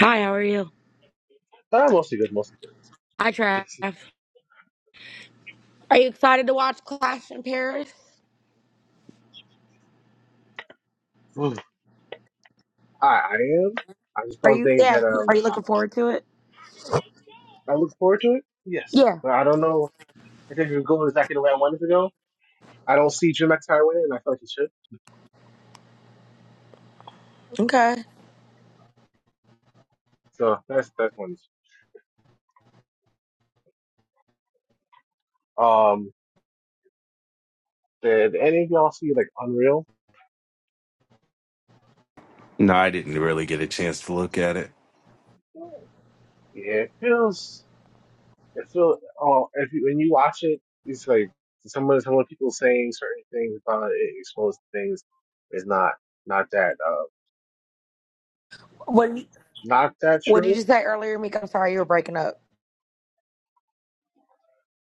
Hi, how are you? Uh, mostly good, mostly good. Hi, Trav. It's, Are you excited to watch Clash in Paris? mm, I, I am. I just Are don't you? think Yeah. that um Are you looking forward to it? I look forward to it. Yes, Yeah. but I don't know. I think it could go exactly the way I wanted to go. I don't see Drew McIntyre winning, and I feel like he should. Okay. So that's that's one issue. Um, did any of y'all see like Unreal? No, I didn't really get a chance to look at it. Yeah, it feels it feels. Oh, if you, when you watch it, it's like some of some of the people saying certain things about it, exposed things is not not that uh What not that What did true you say earlier, Meek? I'm sorry, you were breaking up.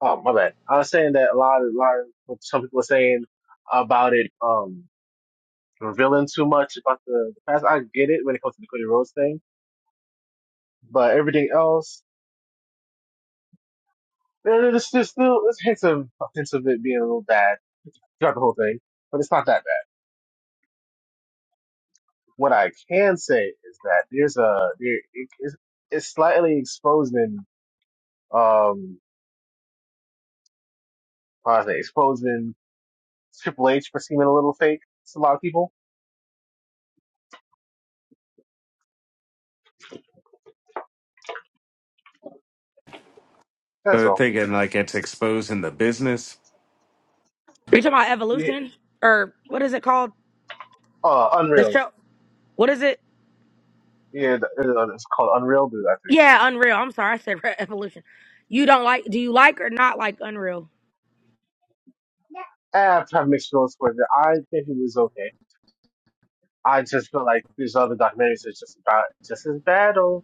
Oh, my bad. I was saying that a lot, a lot of what some people are saying about it, um, revealing too much about the, the past. I get it when it comes to the Cody Rhodes thing, but everything else, there- there's, there's still there's hints of hints of it being a little bad throughout the whole thing, but it's not that bad. What I can say is that there's a there it, it's, it's slightly exposing um, how do I say, exposing Triple H for seeming a little fake to a lot of people. That's So I'm all. thinking like it's exposing the business. Are you talking about Yeah, Evolution? Or what is it called? uh, The unreal. show? What is it? Yeah, th- uh, it's called Unreal Dude, I think. Yeah, Unreal. I'm sorry, I said Evolution. You don't like, do you like or not like Unreal? I have to have mixed feelings with it. I think it was okay. I just feel like these other documentaries are just about just as bad or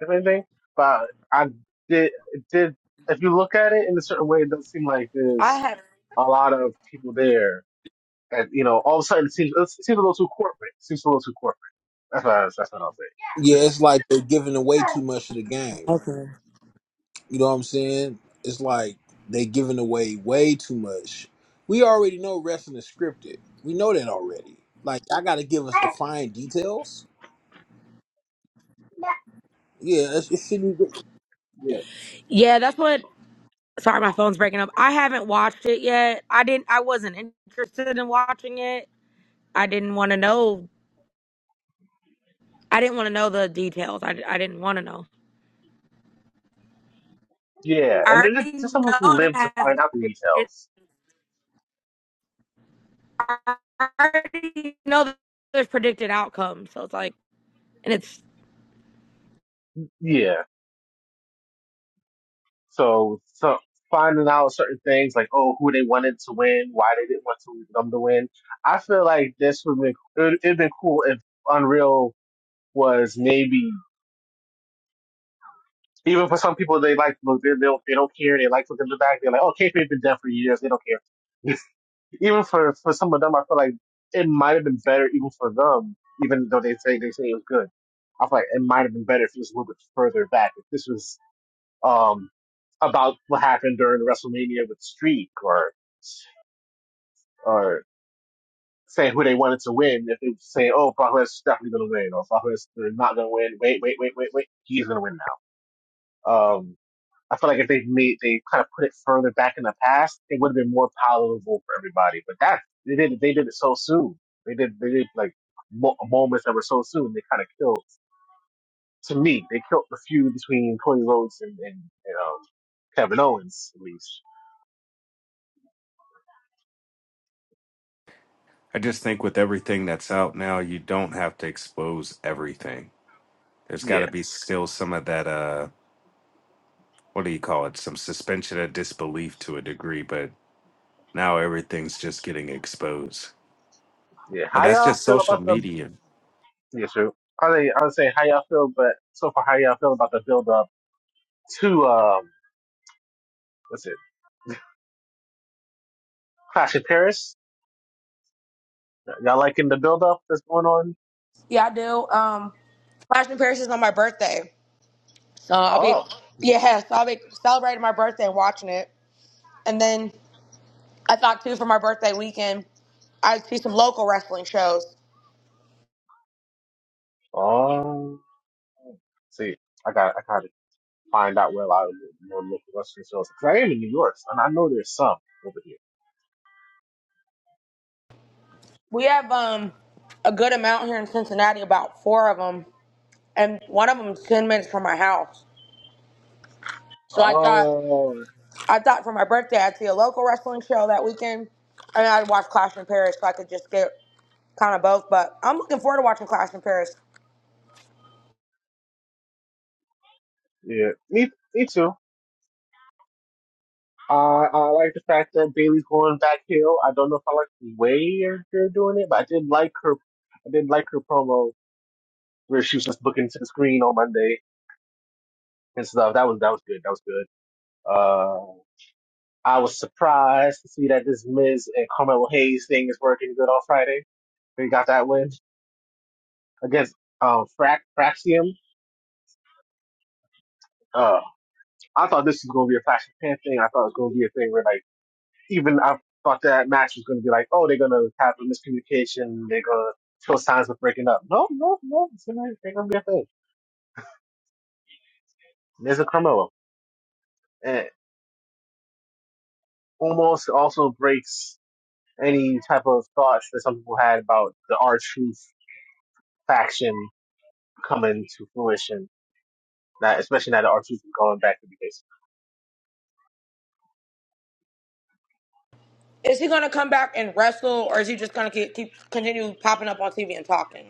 if anything. But I did it did if you look at it in a certain way, it does seem like I there's have. a lot of people there. And you know, all of a sudden it seems it seems a little too corporate. It seems a little too corporate. That's what I, that's what I'll Yeah, it's like they're giving away too much of the game. Okay. You know what I'm saying? It's like they giving away way too much. We already know wrestling is scripted. We know that already. Like, I gotta give us the fine details. Yeah, it's- it shouldn't. Be. say. Yeah, Yeah, that's what, sorry, my phone's breaking up. I haven't watched it yet. I didn't, I wasn't interested in watching it. I didn't want to know I didn't want to know the details. I, I didn't want to know. yeah. I And there's already just some people know who it live to has. find out the It details. I already know that there's predicted outcomes. So it's like, and it's Yeah. So, so finding out certain things like, oh, who they wanted to win, why they didn't want to them to win. I feel like this would be it, it'd been cool if Unreal was maybe even for some people they like look they, they don't they don't care they like looking in the back they're like oh K-Fabe been dead for years they don't care. even for for some of them I feel like it might have been better even for them even though they say they say it was good. I feel like it might have been better if it was a little bit further back if this was um, about what happened during WrestleMania with Streak or or saying who they wanted to win. If they were saying, "Oh, Brock is definitely going to win," or "Brock Lesnar's they're not going to win," wait, wait, wait, wait, wait, he's going to win now. Um, I feel like if they made they kind of put it further back in the past, it would have been more palatable for everybody. But that they did they did it so soon. They did they did like mo- moments that were so soon. They kind of killed. To me, they killed the feud between Cody Rhodes and, and, and um, Kevin Owens, at least. I just think with everything that's out now, you don't have to expose everything. There's Yeah. got to be still some of that. Uh, what do you call it? Some suspension of disbelief to a degree, but now everything's just getting exposed. Yeah, But how that's y'all just feel social about the? media, Yeah, sure. I say I would say how y'all feel, but so far how y'all feel about the build up to um what's it Clash of Paris? Y'all liking the build up that's going on? Yeah, I do. Um, Flash and Paris is on my birthday, so I'll be Oh, yeah, so I'll be celebrating my birthday and watching it. And then I thought too for my birthday weekend, I see some local wrestling shows. oh. See, I got I gotta find out where a lot of the more local Western shows because I am in New York and I know there's some over here. We have um a good amount here in Cincinnati, about four of them, and one of them is ten minutes from my house. So I thought. Oh, I thought for my birthday I'd see a local wrestling show that weekend, and I'd watch Clash in Paris, so I could just get kind of both. But I'm looking forward to watching Clash in Paris. yeah. Me, me too. Uh, I like the fact that Bailey's going back heel. I don't know if I like the way they're doing it, but I did like her I did like her promo where she was just looking to the screen on Monday and stuff. That was that was good. That was good. Uh, I was surprised to see that this Miz and Carmelo Hayes thing is working good on Friday. They got that win against um Frac Fraxium. Uh, I thought this was gonna be a Clash of Pan thing. I thought it was gonna be a thing where like even I thought that match was gonna be like, oh, they're gonna have a miscommunication. They're gonna show signs of breaking up. No, no, no. It's gonna, they're gonna be a thing. Miz and Carmelo. And almost also breaks any type of thoughts that some people had about the R Truth faction coming to fruition. Not, especially now that R Truth is going back to the base. Is he gonna come back and wrestle, or is he just gonna keep, keep continue popping up on TV and talking?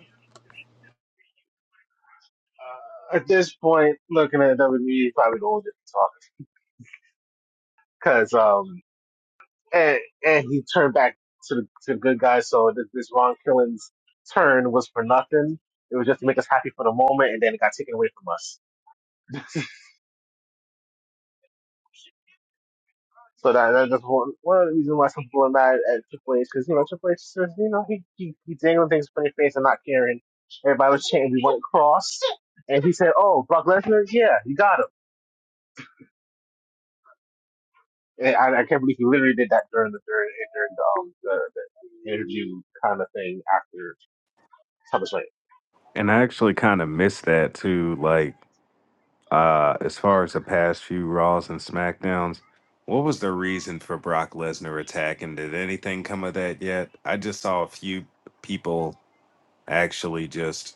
Uh, at this point, looking at WWE, he's probably the oldest talking because um and and he turned back to the to the good guys. So this, this Ron Killen's turn was for nothing. It was just to make us happy for the moment, and then it got taken away from us. So that, that- that's one, one of the reasons why some people are mad at Triple H because you know Triple H says you know he he, he dangling things in their face and not caring. Everybody was chanting, "We want Cross," and he said, "Oh, Brock Lesnar, yeah, you got him." And I, I can't believe he literally did that during the during, during the, um, the the interview kind of thing after SummerSlam. and I actually kind of miss that too. Like. Uh, as far as the past few Raws and SmackDowns, what was the reason for Brock Lesnar attacking? Did anything come of that yet? I just saw a few people actually just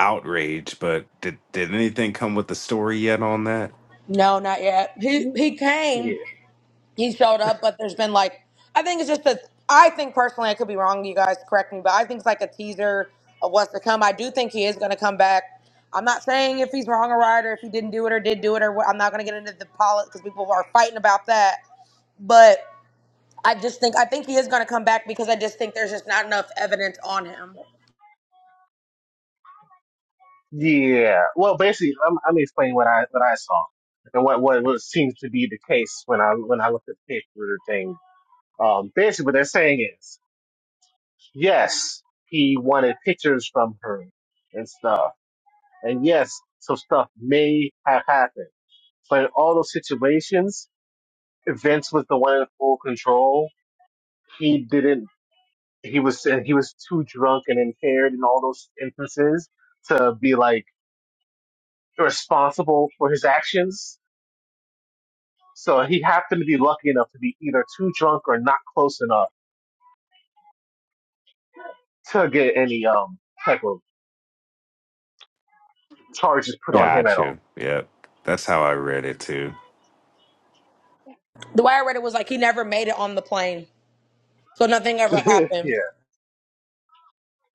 outraged, but did did anything come with the story yet on that? No, not yet. He he came. Yeah, he showed up, but there's been like I think it's just a I think personally I could be wrong, you guys correct me, but I think it's like a teaser of what's to come. I do think he is gonna come back. I'm not saying if he's wrong or right or if he didn't do it or did do it or what I'm not gonna get into the politics because people are fighting about that. But I just think I think he is gonna come back because I just think there's just not enough evidence on him. yeah. Well, basically, I'm I'm explaining what I what I saw and what what, what seems to be the case when I when I looked at the paper thing. Um, basically, what they're saying is. yes, he wanted pictures from her and stuff. And yes, some stuff may have happened. But in all those situations, Vince was the one in full control. He didn't, he was, he was too drunk and impaired in all those instances to be like responsible for his actions. So he happened to be lucky enough to be either too drunk or not close enough to get any, um, type of charges put on him at Gotcha. all. Yep, that's how I read it too. The way I read it was like he never made it on the plane. So nothing ever happened. yeah.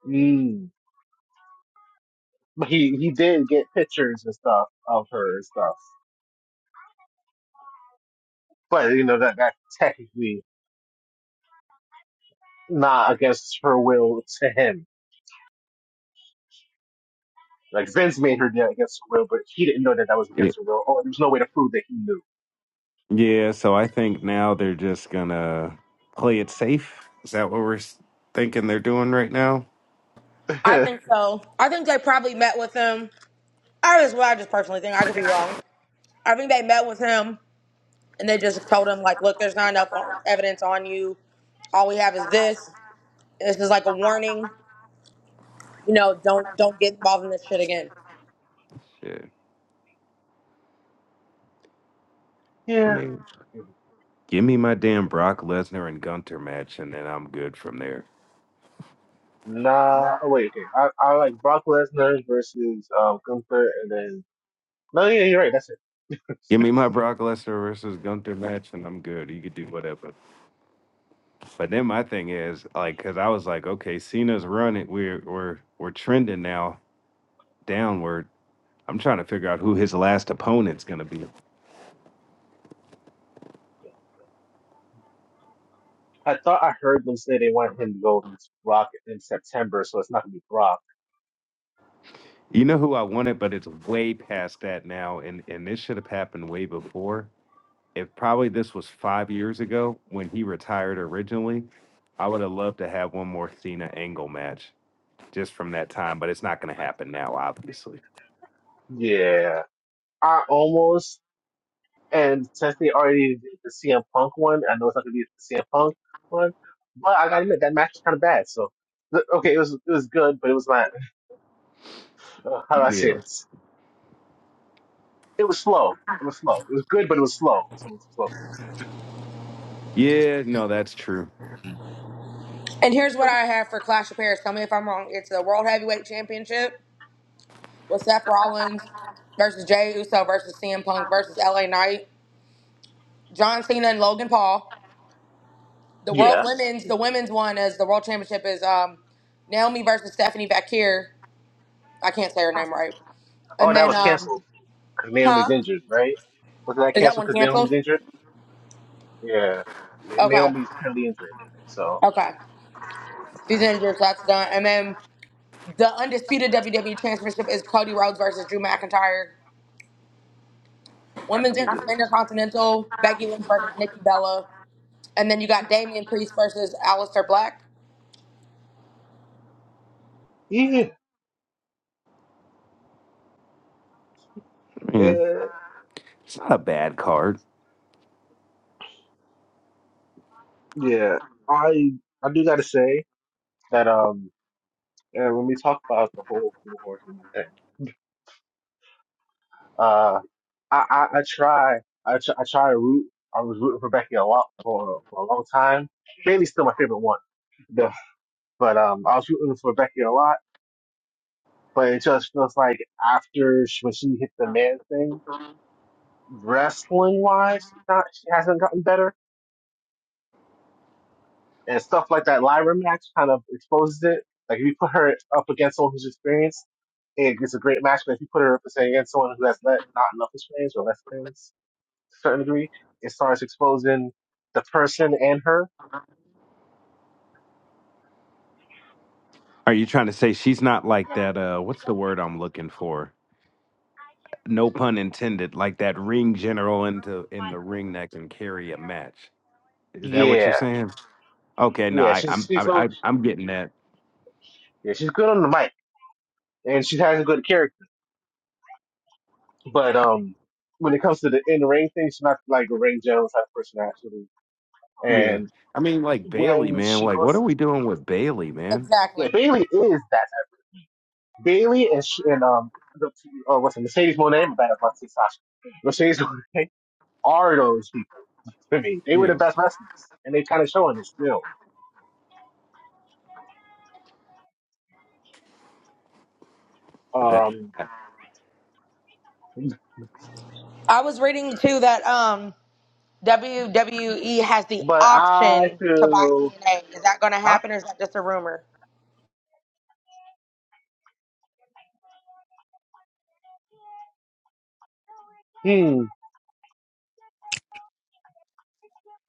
Mm. But he he did get pictures and stuff of her and stuff. But you know that that's technically not against her will to him. Like Vince made her do it against her will, but he didn't know that that was Yeah. against her will. Or there was no way to prove that he Yeah. So I think now they're just gonna play it safe. Is that what we're s- thinking they're doing right now? I knew. think so. I think they probably met with him. I just well, I just personally think I could be wrong. I think they met with him and they just told him like, look, there's not enough on- evidence on you. All we have is this. This is like a warning. You know, don't don't get involved in this shit again. Shit. I yeah. mean. Give me my damn Brock Lesnar and Gunter match, and then I'm good from there. Nah. Oh, wait. Okay. I I like Brock Lesnar versus um Gunther, and then no, yeah, you're right. That's Give it. me my Brock Lesnar versus Gunter match, and I'm good. You could do whatever. But then my thing is like, because I was like, okay, Cena's running. We're we're we're trending now downward. I'm trying to figure out who his last opponent's gonna be. I thought I heard them say they wanted him to go against Brock in September, so it's not gonna be Brock. You know who I wanted, but it's way past that now, and and this should have happened way before. If probably this was five years ago when he retired originally, I would have loved to have one more Cena Angle match just from that time, but it's not going to happen now, obviously. Yeah. I almost And since they already did the CM Punk one, I know it's not gonna be the CM Punk one, but I gotta admit that match was kind of bad. So th- okay, it was it was good, but it was not. Uh, How do I say Yeah. this? It was slow. It was slow. It was good, but it was slow. It was slow. Yeah, no, that's true. And here's what I have for Clash of Paris. Tell me if I'm wrong. It's the World Heavyweight Championship with Seth Rollins versus Jay Uso versus CM Punk versus LA Knight, John Cena and Logan Paul. The World Yeah. Women's the women's one is the World Championship is um, Naomi versus Stephanie Bakir. I can't say her name right. Oh, And that then was um, canceled because Naomi's huh? injured, right? Was that Is that canceled one because Naomi's canceled? injured? Yeah. Na- Okay. Naomi's currently injured, so Okay. She's injured, so that's done. And then the undisputed WWE Championship is Cody Rhodes versus Drew McIntyre. that's gonna Women's be Inter- good. Intercontinental, Becky Lynch versus Nikki Bella. And then you got Damian Priest versus Aleister Black. Yeah. I mean, Uh, it's not a bad card. yeah. I I do gotta say that um And when we talk about the whole full horsewoman thing, uh, I, I, I try, I, tr- I try to root. I was rooting for Becky a lot for, for a long time. Bailey's still my favorite one. The- but, um, I was rooting for Becky a lot, but it just feels like after she, when she hit the man thing, wrestling wise, not, she hasn't gotten better. And stuff like that Lyra match kind of exposes it. Like if you put her up against someone who's experienced, it- it's a great match, but if you put her up against someone who has le- not enough experience or less experience certain degree it starts exposing the person and her, Are you trying to say she's not like that? Uh, what's the word I'm looking for? No pun intended. Like that ring general into in the ring that can carry a match. Is that what yeah, you're saying? Okay, no, yeah, I, she's I'm she's I, so I I'm getting that. yeah, she's good on the mic and she has a good character. But um, when it comes to the in ring thing, she's not like a Ring Jones type of person actually. Yeah, And I mean like Bailey, when man. she Like, what are goes, we doing with Bailey, man? Exactly. yeah, Bailey is that type. Bailey and sh- and um, the, uh, what's it, Mercedes Monet? But that's not Sasha. Mercedes Monet are those people to me. They were the Yeah, best wrestlers, and they kind of showing it still. but that. Um, I was reading too that um WWE has the But I option to buy feel, TNA. Is that going to I, happen or is that just a rumor? hmm,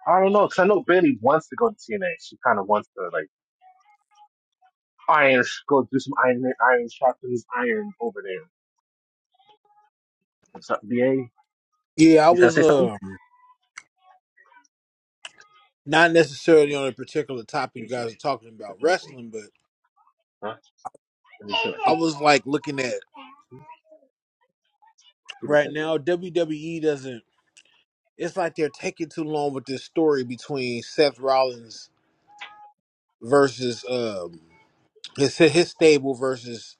I don't know, because I know Bailey wants to go to TNA. She kind of wants to, like, iron, go do some iron, iron sharpens iron over there. What's up, BA? You Yeah, I trying to was say something? um not necessarily on a particular topic you You said guys are talking you said about something. wrestling, but Huh? Let me see what I I think. was like looking at just right said it. now WWE doesn't. It's like they're taking too long with this story between Seth Rollins versus um It's his his stable versus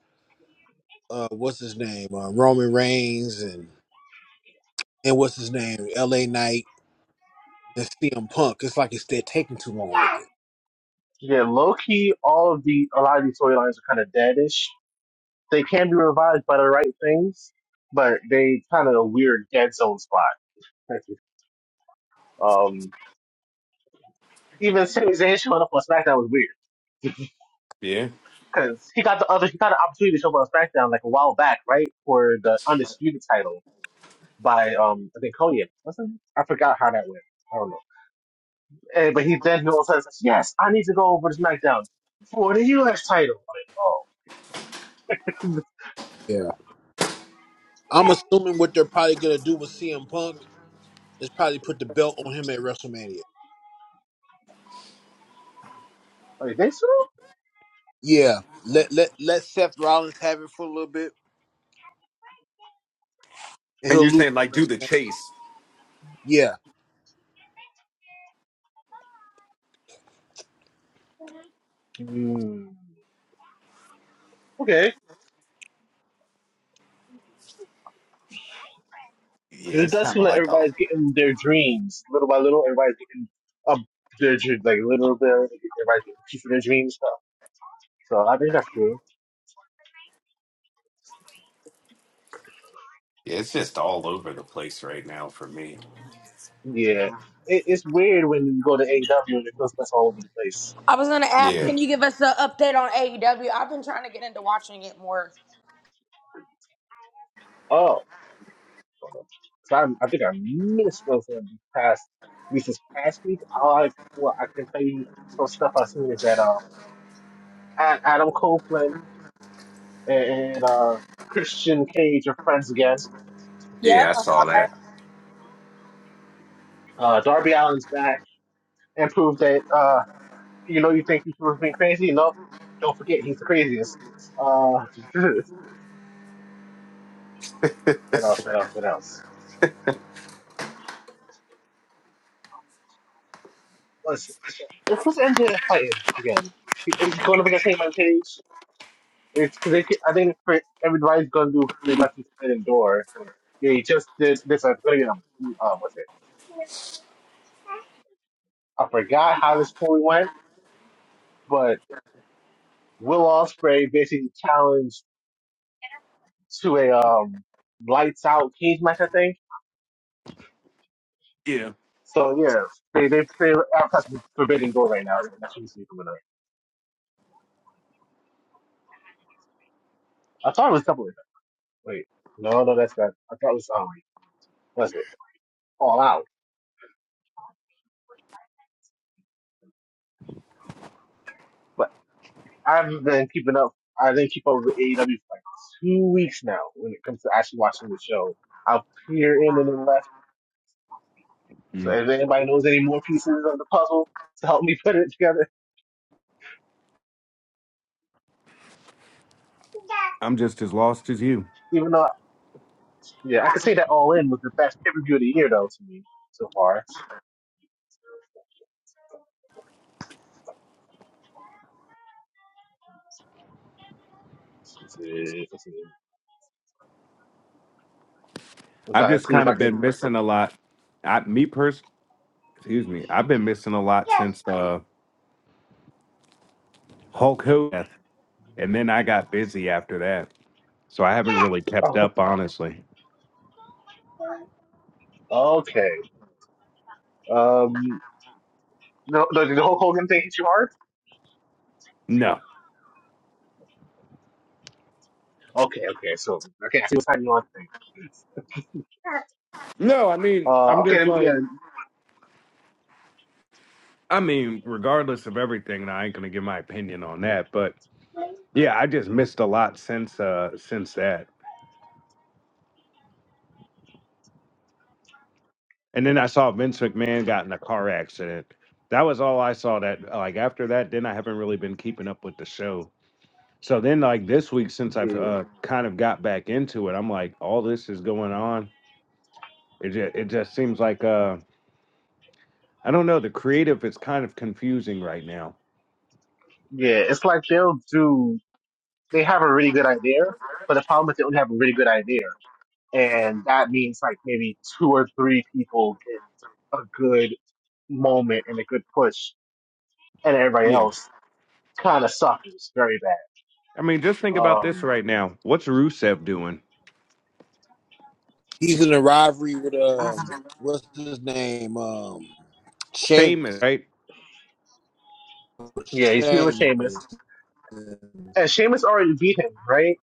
uh, what's his name, uh, Roman Reigns, and and what's his name, L.A. Knight and CM Punk. It's like it's they're taking too long with it. Yeah, low key, all of the, a lot of these storylines are kind of deadish. They can be revived by the right things, but they kind of a weird dead zone spot. Um, Even Sami Zayn showing up on SmackDown was weird Yeah, because he got the other he got an opportunity to show up on SmackDown like a while back, right, for the undisputed title by um I think Cody, wasn't it? I forgot how that went. I don't know. And, but he then he all of a sudden says, "Yes, I need to go over to SmackDown for the U.S. title." I'm like, Yeah, I'm assuming what they're probably gonna do with CM Punk is probably put the belt on him at WrestleMania. oh, like they so? Yeah, let let let Seth Rollins have it for a little bit, and And you're he'll lose. saying It at like do WrestleMania. the chase. Yeah, Hmm. Okay, Yeah, because it it's does kind seem of like like a everybody's getting their dreams little by little. Everybody's getting up their dr- like little bit. Everybody's getting a piece of their dreams stuff. So I think that's good. Yeah, it's just all over the place right now for me. Yeah, it, it's weird when you go to AEW and it feels that's all over the place. I was going to ask, Yeah. can you give us an update on AEW? I've been trying to get into watching it more. Oh, so I'm, I think I missed those uh, these past this is past week. All I well, I can tell you from stuff I've seen is that um A- Adam Copeland and, and uh Christian Cage are friends again. Yep, Yeah, I I saw saw that. that. Uh, Darby Allen's back and proved that uh you know you think people have been crazy. No, don't forget he's the craziest. Uh, what else? What else? What else? Listen, who's MJF fighting again? Is she going up against Heyman Page? It's because they. ca- I think for, everybody's going to do they about to spin and door. They just did this. I'm going to get um, what's it? I forgot how this fully went, but Will Ospreay basically challenged to a um lights out cage match, I think. Yeah. So yeah, they they they advertise Forbidden Door right now. So that should be seen from I thought it was something like that. Wait, no, no, that's not. I thought it was um, was it All Out? I've been keeping up. I've been keep up with AEW for like two weeks now. When it comes to actually watching the show, I'll peer in and then left. So Mm. if anybody knows any more pieces of the puzzle to help me put it together, I'm just as lost as you. even though yeah, I could say that All In was the best pay per view of the year though to me so far. Let's see, let's see. I'm I've trying to just see if kind I of could. been missing a lot. I, me pers, excuse me, I've been missing a lot since uh, Hulk Hogan, death, and then I got busy after that, so I haven't really kept up, honestly. Oh, okay. Um, no, no, did the Hulk Hogan thing hit you hard? No, Okay, okay. So okay, I see what's happening on thing. no, I mean, Uh, I'm okay, just let me like, get. I mean, regardless of everything, and I ain't gonna give my opinion on that, but yeah, I just missed a lot since uh since that. And then I saw Vince McMahon got in a car accident. That was all I saw. That like after that, then I haven't really been keeping up with the show. So then like this week, since I've Yeah. uh, kind of got back into it, I'm like, all this is going on. It just, it just seems like uh, I don't know. The creative is kind of confusing right now. Yeah, it's like they'll do. They have a really good idea, but the problem is they only have a really good idea, and that means like maybe two or three people get a good moment and a good push, and everybody Yeah. else kind of suffers very bad. I mean, just think about this Um, right now. What's Rusev doing? he's in a rivalry with um, what's his name, um, Sheamus. Shaman, right? yeah, he's feuding with Sheamus, Sheamus. The- and Sheamus already beat him, right?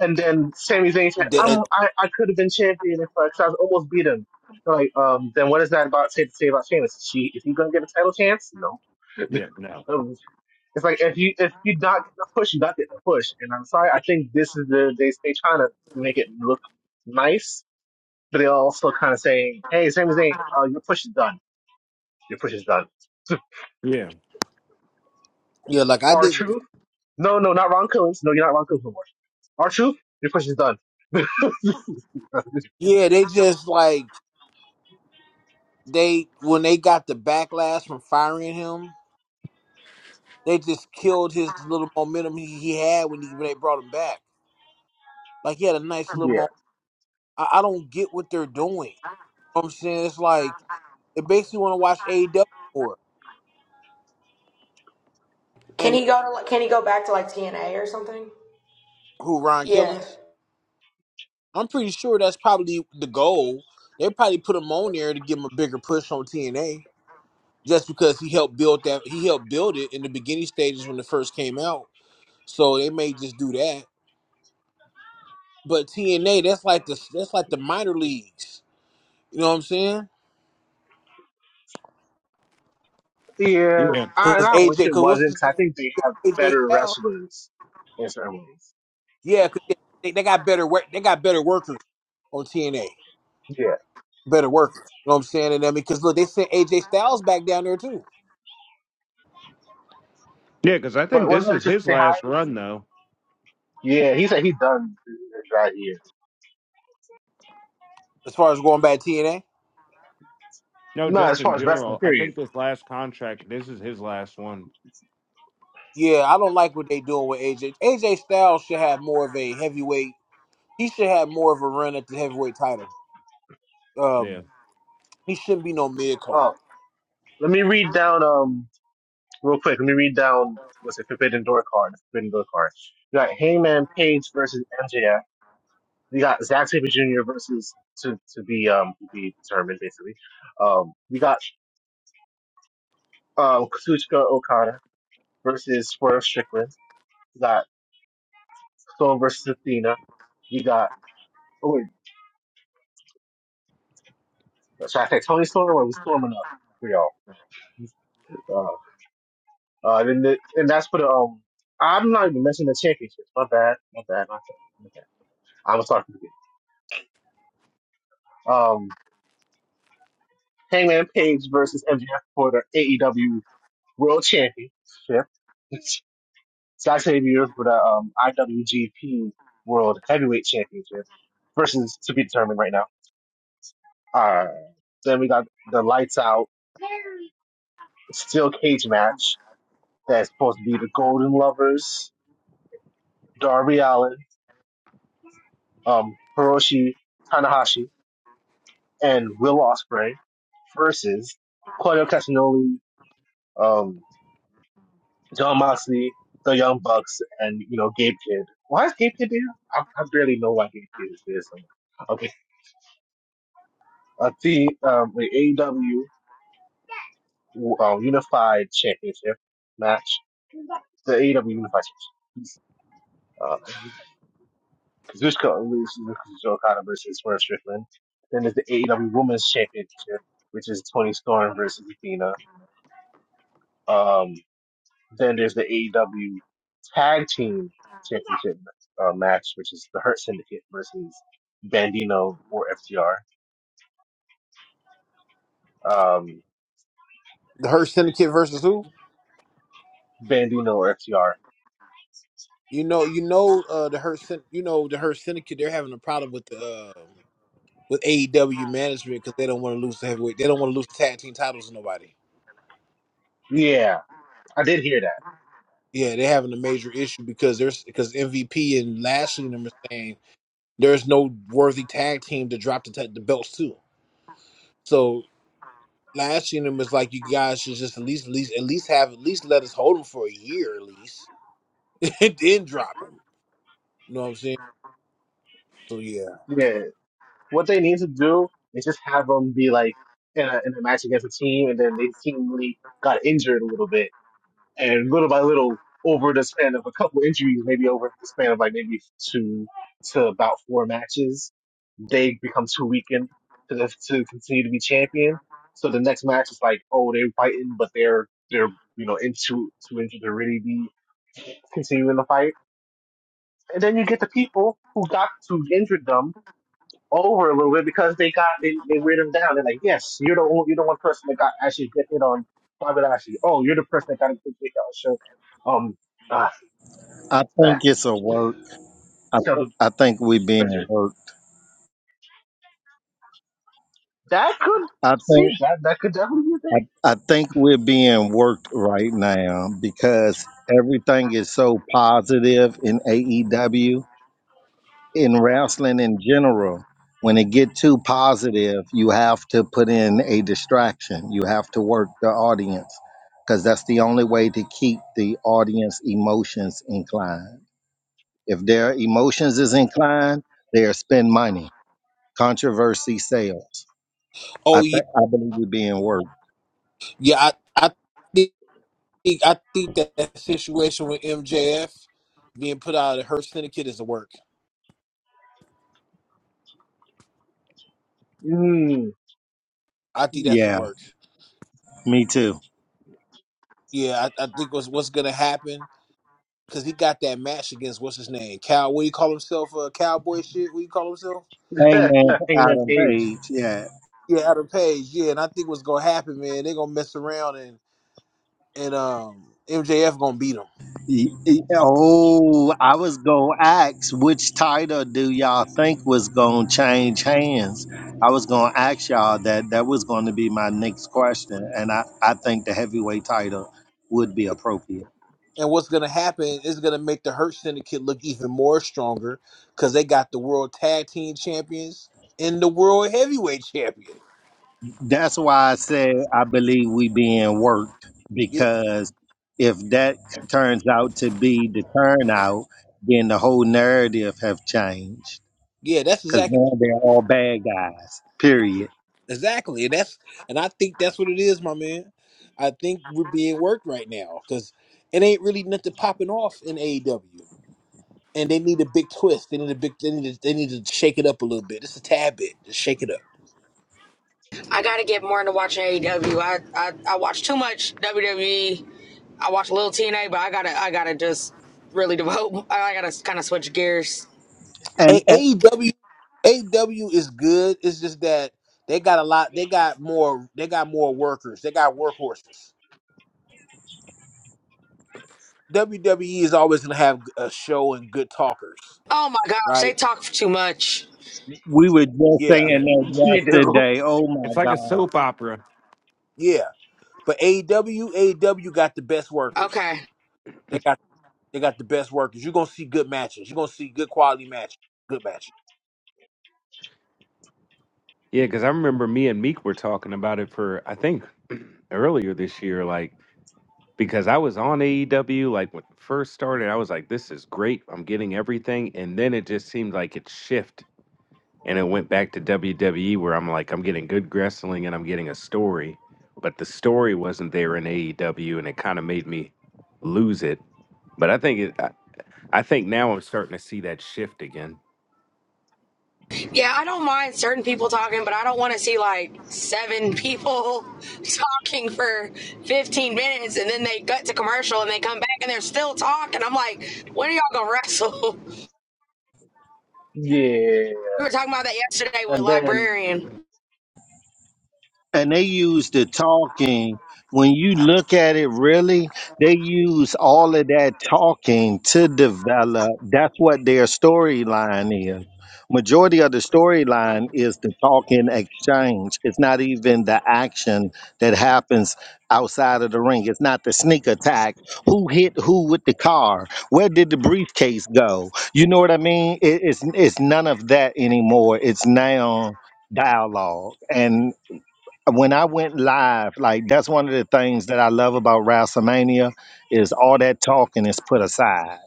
And then Sami Zayn said, "I'm and, I, I could have been champion if I, 'cause I was almost beat him." They're like, um, then what is that about say to say about Sheamus? Is she is he gonna get a title chance? Yeah. No. No. It's like if you if you not get enough push, you not get enough push. And I'm sorry, I think this is the they they trying to make it look nice, but they're also kind of saying, "Hey, Sami Zayn, uh, your push is done. Your push is done." Yeah. yeah like Shame R Shame. truth? No, no, not Ron Coons. No, you're not Ron Coons no more. Our truth? Your push is done. Yeah, they just like they when they got the backlash from firing him, they just killed his little momentum he, he had when, he, when they brought him back. Like he had a nice little yeah, moment. I, I don't get what they're doing. You know what I'm saying it's like they basically want to watch AEW for Can and he go to like, can he go back to like TNA or something? who Ron Yeah. Killings. I'm pretty sure that's probably the goal. They probably put him on there to give him a bigger push on TNA just because he helped build that. He helped build it in the beginning stages when it first came out. So they may just do that. But TNA, that's like the that's like the minor leagues. You know what I'm saying? yeah. Yeah. I, and Because I AJ, wish it because what's wasn't his because I name? think they have AJ better Styles? wrestlers in certain ways. Yeah, because they, they got better work. They got better workers on TNA. Yeah, Better workers. You know what I'm saying? And I mean, because look, they sent AJ Styles back down there too. Yeah, because I think but this wasn't is that just his they last high? run though. Yeah, he said he done the dry year. As far as going back to TNA. No, No, just as far in as wrestling, general. I period. think this last contract, this is his last one. Yeah, I don't like what they doing with AJ. AJ Styles should have more of a heavyweight. He should have more of a run at the heavyweight title. Yeah. Um, he shouldn't be no mid card. Oh, let me read down um real quick. Let me read down what's it Forbidden Door card. the Forbidden Door card. You got Hangman Page versus MJF. We got Zack Sabre Jr. versus to to be um to be determined basically. Um, we got um Kazuchika Okada versus Swerve Strickland. We got Storm versus Athena. We got oh wait, should I say Tony Storm or was Storm enough for y'all? Uh, Uh, and, the, and that's for the um. I'm not even mentioning the championships. My bad. My bad. My bad. My bad. I was talking again. Um, Hangman Page versus MJF for the AEW World Championship. Zack Sabre for the um, IWGP World Heavyweight Championship versus to be determined right now. Uh, then we got the lights out steel cage match that's supposed to be the Golden Lovers, Darby Allin, um, Hiroshi Tanahashi and Will Ospreay versus Claudio Castagnoli, um, John Moxley, the Young Bucks, and you know Gabe Kidd. Why is Gabe Kidd there? I, I barely know why Gabe Kidd is there somewhere. Okay, uh, the um, the AEW uh, Unified Championship match, the AEW Unified Championship. Uh, Kazuchika Kazuchika Okada versus Swerve Strickland. Then there's the AEW Women's Championship, which is Tony Storm versus Athena. Um, Then there's the AEW Tag Team Championship uh, match, which is the Hurt Syndicate versus Bandino or FTR. Um, The Hurt Syndicate versus who? Bandino or FTR. You know, you know, uh, the Hurt, Syn- you know, the Hurt Syndicate. They're having a problem with the uh, with AEW management because they don't want to lose the heavyweight. They don't want to lose the tag team titles to nobody. Yeah, I did hear that. Yeah, they're having a major issue because there's because MVP and Lashley and them are saying there's no worthy tag team to drop the ta- the belts to. So Lashley and them is like, you guys should just at least at least at least have at least let us hold them for a year at least, and then drop them. You know what I'm saying? So yeah. Yeah, what they need to do is just have them be like in a, in a match against a team, and then the team really got injured a little bit and little by little over the span of a couple injuries, maybe over the span of like maybe two to about four matches, they become too weakened to the, to continue to be champion. So the next match is like, oh, they're fighting, but they're they're you know into too injured to really be continuing the fight. And then you get the people who got too injured them over a little bit because they got they, they weighed him down. They're like, yes, you're the only, you're the one person that got actually get hit on Bobby Lashley. Oh, you're the person that got a good kick out. So, um, ah, I think ah, it's a work. I, self th- I think we're being judgment. worked. That could I see think that that could definitely be I, I think we're being worked right now because everything is so positive in AEW in wrestling in general. When it get too positive, you have to put in a distraction. You have to work the audience because that's the only way to keep the audience emotions inclined. If their emotions is inclined, they'll spend money. Controversy sales. I Oh th- yeah, I believe it being worked. yeah. I I think I think that situation with MJF being put out of her syndicate is a work. a thing. I think that's a Yeah, work. me too. Yeah, I, I think what's what's gonna happen because he got that match against what's his name, Cal. What do you call himself? Uh, cowboy shit. What do you call himself? Hangman Mm. Hangman Adam Page. Page. Yeah. Yeah, Adam Page. Yeah, and I think what's gonna happen, man, they are gonna mess around and and um MJF gonna beat him. Y- y- Oh, I was gonna ask which title do y'all think was gonna change hands? I was gonna ask y'all that. That was going to be my next question, and I I think the heavyweight title would be appropriate. And what's gonna happen is gonna make the Hurt Syndicate look even more stronger because they got the World Tag Team Champions and the World Heavyweight Champion. That's why I say I believe we being worked Yeah, because if that turns out to be the turnout, then the whole narrative have changed Yeah, that's because exactly now they're all bad guys. Period. exactly, and that's and I think that's what it is, my man. I think we're being worked right now because it ain't really nothing popping off in AEW, and they need a big twist. They need a big. They need. To, they need to shake it up a little bit. Just a tad bit. Just shake it up. I gotta get more into watching AEW. I, I I watch too much WWE. I watch a little TNA, but I gotta I gotta just really devote. I gotta kind of switch gears. And, A- and AEW, AEW is good. It's just that they got a lot. They got more. They got more workers. They got workhorses. WWE is always gonna have a show and good talkers, Oh my gosh, they right? talk too much. we were just Yeah, Yeah. saying They that do. yesterday. Oh It's my like a God. soap opera. yeah. But AEW, got the best workers. Okay. They got they got the best workers. You're gonna see good matches. You're gonna see good quality matches. Good matches. Yeah, because I remember me and Meek were talking about it for, I think, earlier this year. Like, because I was on AEW, like when it first started, I was like, this is great. I'm getting everything. And then it just seemed like it shifted and it went back to WWE where I'm like, I'm getting good wrestling and I'm getting a story. But the story wasn't there in AEW and it kind of made me lose it. But I think it. I think now I'm starting to see that shift again. Yeah, I don't mind certain people talking, but I don't want to see like seven people talking for 15 minutes and then they cut to commercial and they come back and they're still talking. I'm like, when are y'all gonna wrestle? Yeah. We were talking about that yesterday with And then, Librarian. and they use the talking when you look at it really they use all of that talking to develop that's what their storyline is majority of the storyline is the talking exchange it's not even the action that happens outside of the ring it's not the sneak attack who hit who with the car where did the briefcase go you know what i mean it, it's it's none of that anymore it's now dialogue and when I went live, like that's one of the things that I love about WrestleMania is all that talking is put aside.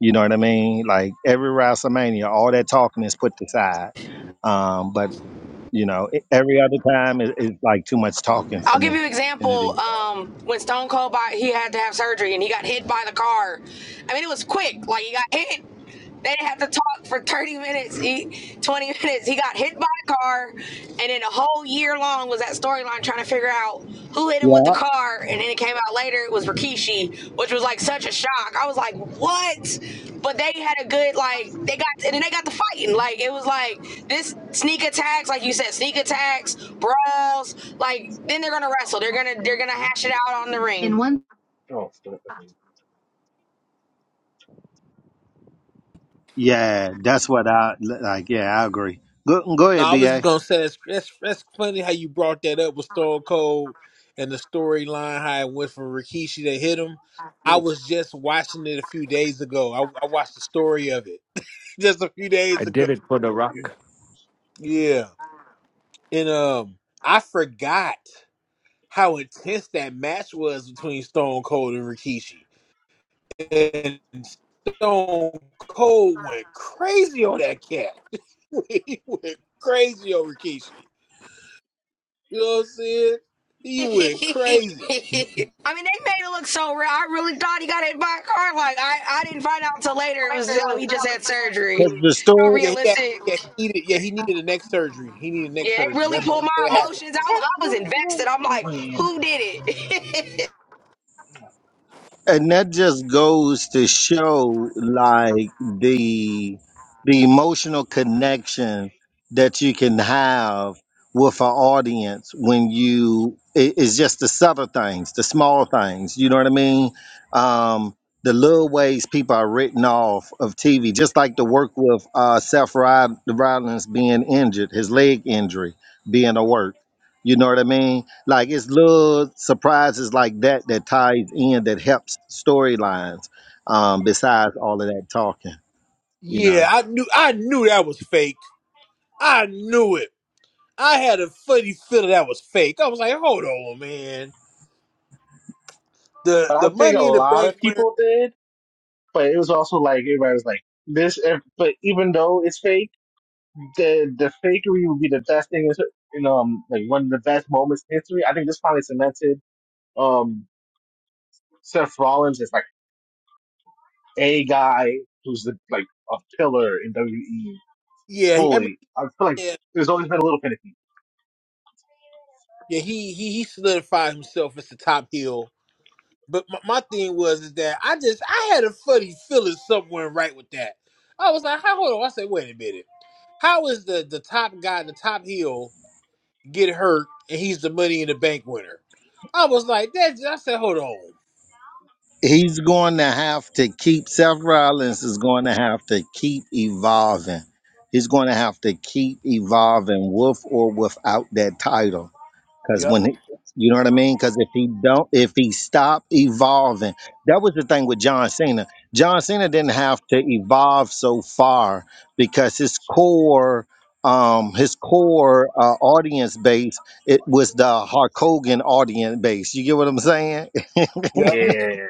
You know what I mean? Like every WrestleMania, all that talking is put aside. Um, but you know, e- every other time it, it's like too much talking for me than it is. was that storyline trying to figure out who hit him with the Yeah, car, and then it came out later it was Rikishi, which was like such a shock. I was like, what? But they had a good like they got and then they got the fighting. Like it was like this sneak attacks, like you said, sneak attacks, brawls. Like then they're gonna wrestle. They're gonna they're gonna hash it out on the In ring. In one oh, yeah, that's what I like. Yeah, I agree. Go, go No, ahead, I ba. was just gonna say that's that's, that's funny how you brought that up with Stone Cold and the storyline how it went from Rikishi to hit him. I yeah. was just watching it a few days ago. I, I watched the story of it just a few I days ago. did it for The Rock. Yeah, and um, I forgot how intense that match was between Stone Cold and Rikishi and Stone Cold went crazy on that cat. he went crazy on Rikishi. You know what I'm saying? He went crazy. the story. Yeah, yeah, yeah. He needed, yeah, he needed a neck surgery. He needed neck surgery. That's what, what happened. and that just goes to show like the the emotional connection that you can have with an audience when you it- it's just the subtle things the small things you know what i mean um the little ways people are written off of tv just like the work with uh seth Rod- rollins being injured his leg injury being a work you know what i mean like it's little surprises like that that ties in that helps storylines. Um, besides all of that talking, you know, Yeah, I knew, I knew that was fake. I knew it. I had a funny feeling that was fake. I was like, hold on, man. The But I the think a money in the lot of bank, winner. people did, but it was also like everybody was like this. If, but even though it's fake. the the fakery would be the best thing is you know um, like one of the best moments in history. I think this finally cemented um Seth Rollins as like a guy who's the, like a pillar in WWE yeah, I mean, fully. I feel like yeah, there's always been a little finicky. yeah. He he he solidified himself as the top heel But my, my thing was is that I just I had a funny feeling somewhere right with that. I was like, how hold on? I said, wait a minute. How is the the top guy, the top heel, get hurt and he's the money in the bank winner? I was like, that I said, hold on. he's going to have to keep Seth Rollins is going to have to keep evolving. He's going to have to keep evolving, with or without that title Cause Yep, when he- you know what I mean? Cause if he don't, if he stop evolving, that was the thing with John Cena. John Cena didn't have to evolve so far because his core, um, his core uh, audience base, it was the Hulk Hogan audience base. You get what I'm saying? yep, Yeah,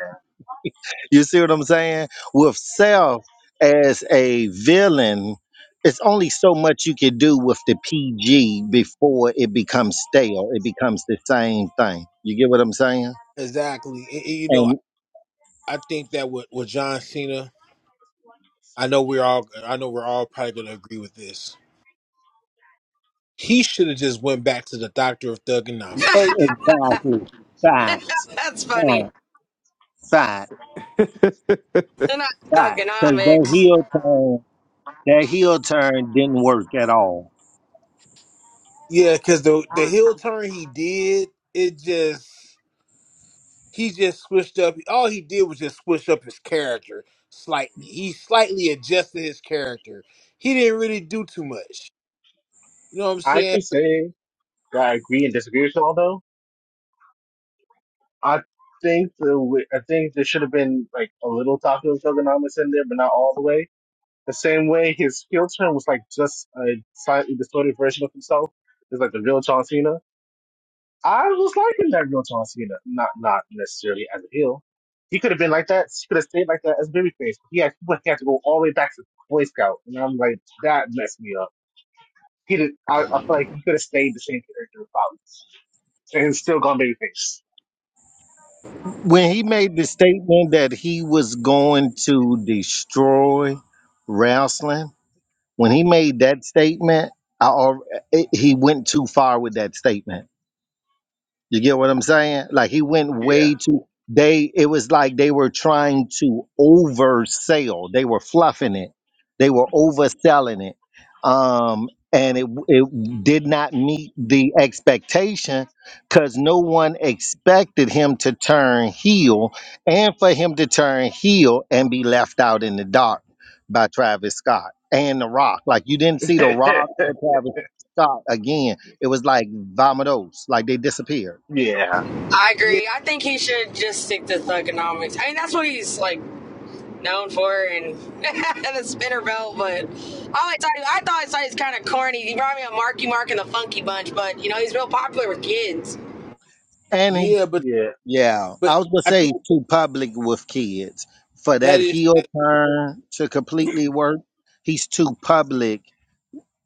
You see what I'm saying? With self as a villain, it's only so much you can do with the PG before it becomes stale. It becomes the same thing. You get what I'm saying? exactly. And, and you know, And I think that with, with John Cena, I know we're all I know we're all probably gonna agree with this. He should have just went back to the doctor of and thugonomics. exactly facts, That's funny. facts, facts, They're not facts. Because that thugonomics. heel turn, that heel turn didn't work at all. Yeah, because the the heel turn he did, it just he just switched up. All he did was just switch up his character slightly. He slightly adjusted his character. He didn't really do too much. You know what I'm I saying? can say that I agree and disagree with y'all though. I think the w- I think there should have been like a little talk of Thugonomics in there, but not all the way. The same way his heel turn was like just a slightly distorted version of himself. It's like the real John Cena. I was liking that real John Cena, not not necessarily as a heel. He could have been like that. He could have stayed like that as babyface. He had he had to go all the way back to Boy Scout, and I'm like that messed me up. He did. I, I feel like he could have stayed the same character probably, and still gone babyface. When he made the statement that he was going to destroy wrestling When he made that statement, I already, he went too far with that statement. You get what I'm saying? Like he went way too they it was like they were trying to oversell. They were fluffing it. They were overselling it. Um and it it did not meet the expectation cuz no one expected him to turn heel and for him to turn heel and be left out in the dark by Travis Scott and The Rock. Like you didn't see The Yeah, Rock or Travis Scott again it was like vamados, like they disappeared. yeah, I Yeah, agree. I think he should just stick to thugonomics. I mean, that's what he's like known for and the spinner belt. But I thought I thought it was kind of corny. He brought me a Marky Mark and the Funky Bunch, but you know he's real popular with kids. And he, yeah, but yeah. yeah, but I was gonna I say think too public with kids for that that is that. heel turn to completely work. He's too public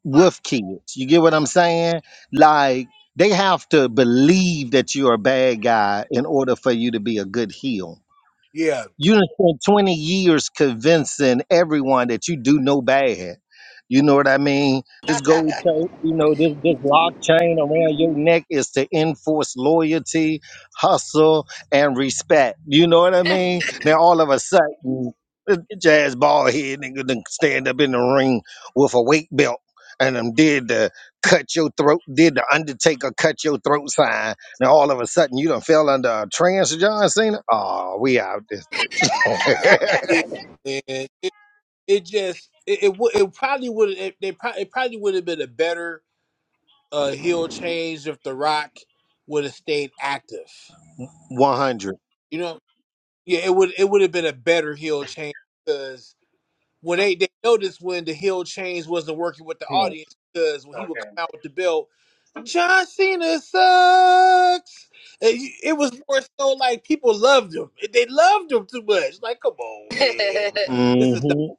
with kids. You get what I'm saying? Like they have to believe that you're a bad guy in order for you to be a good heel. Yeah, You done spent 20 years convincing everyone that you do no bad. You know what I mean? This gold chain, you know, this this lock chain around your neck is to enforce loyalty, hustle, and respect. You know what I mean? Now all of a sudden, this jazz ball head nigga done stand up in the ring with a weight belt and them did the cut your throat, did the Undertaker cut your throat sign. Now all of a sudden you done fell under a trance, John Cena. Oh, we out this. yeah. And it, it just it it, would it probably would it, they probably it probably would have been a better uh heel change if The Rock would have stayed active. 100. You know? Yeah, it would it would have been a better heel change because. Well, they, they noticed when the heel change wasn't working with the Hmm. audience because when he would Okay. come out with the belt, John Cena sucks. And you- It was more so like people loved him. They loved him too much. Like, come on, man. This is not, hmm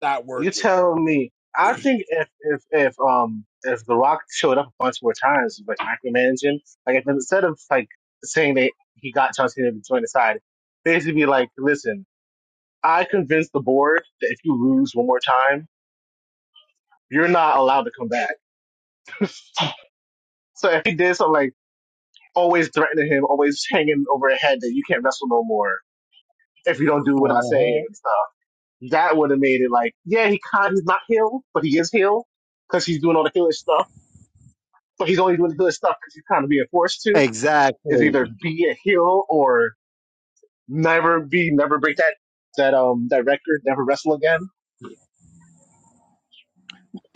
not You working. tell me. I think if if if um if The Rock showed up a bunch more times, like micromanaging, like if instead of like saying that he got John Cena to join the side, basically be like, listen, I convinced the board that if you lose one more time, you're not allowed to come back. So if he did something like always threatening him, always hanging over his head that you can't wrestle no more if you don't do what I say Uh-huh. and stuff, that would have made it like, yeah, he kind he's not heel, but he is heel because he's doing all the heelish stuff but he's only doing this stuff because he's kind of being forced to. Is Exactly. either be a heel or never be, never break that that um that record, never wrestle again.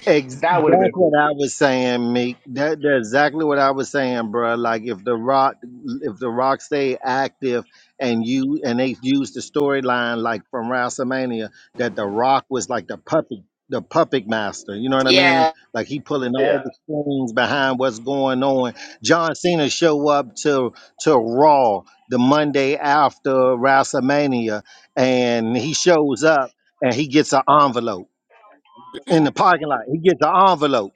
Ex- That would have been that's cool. what I was saying, Meek. That, that's exactly what I was saying, bruh. Like if the Rock, if the Rock stay active, and you and they use the storyline like from WrestleMania that the Rock was like the puppet, the puppet master. You know what I yeah, mean? Like he pulling Yeah. all the strings behind what's going on. John Cena show up to to Raw the Monday after WrestleMania, and he shows up and he gets an envelope in the parking lot. He gets an envelope.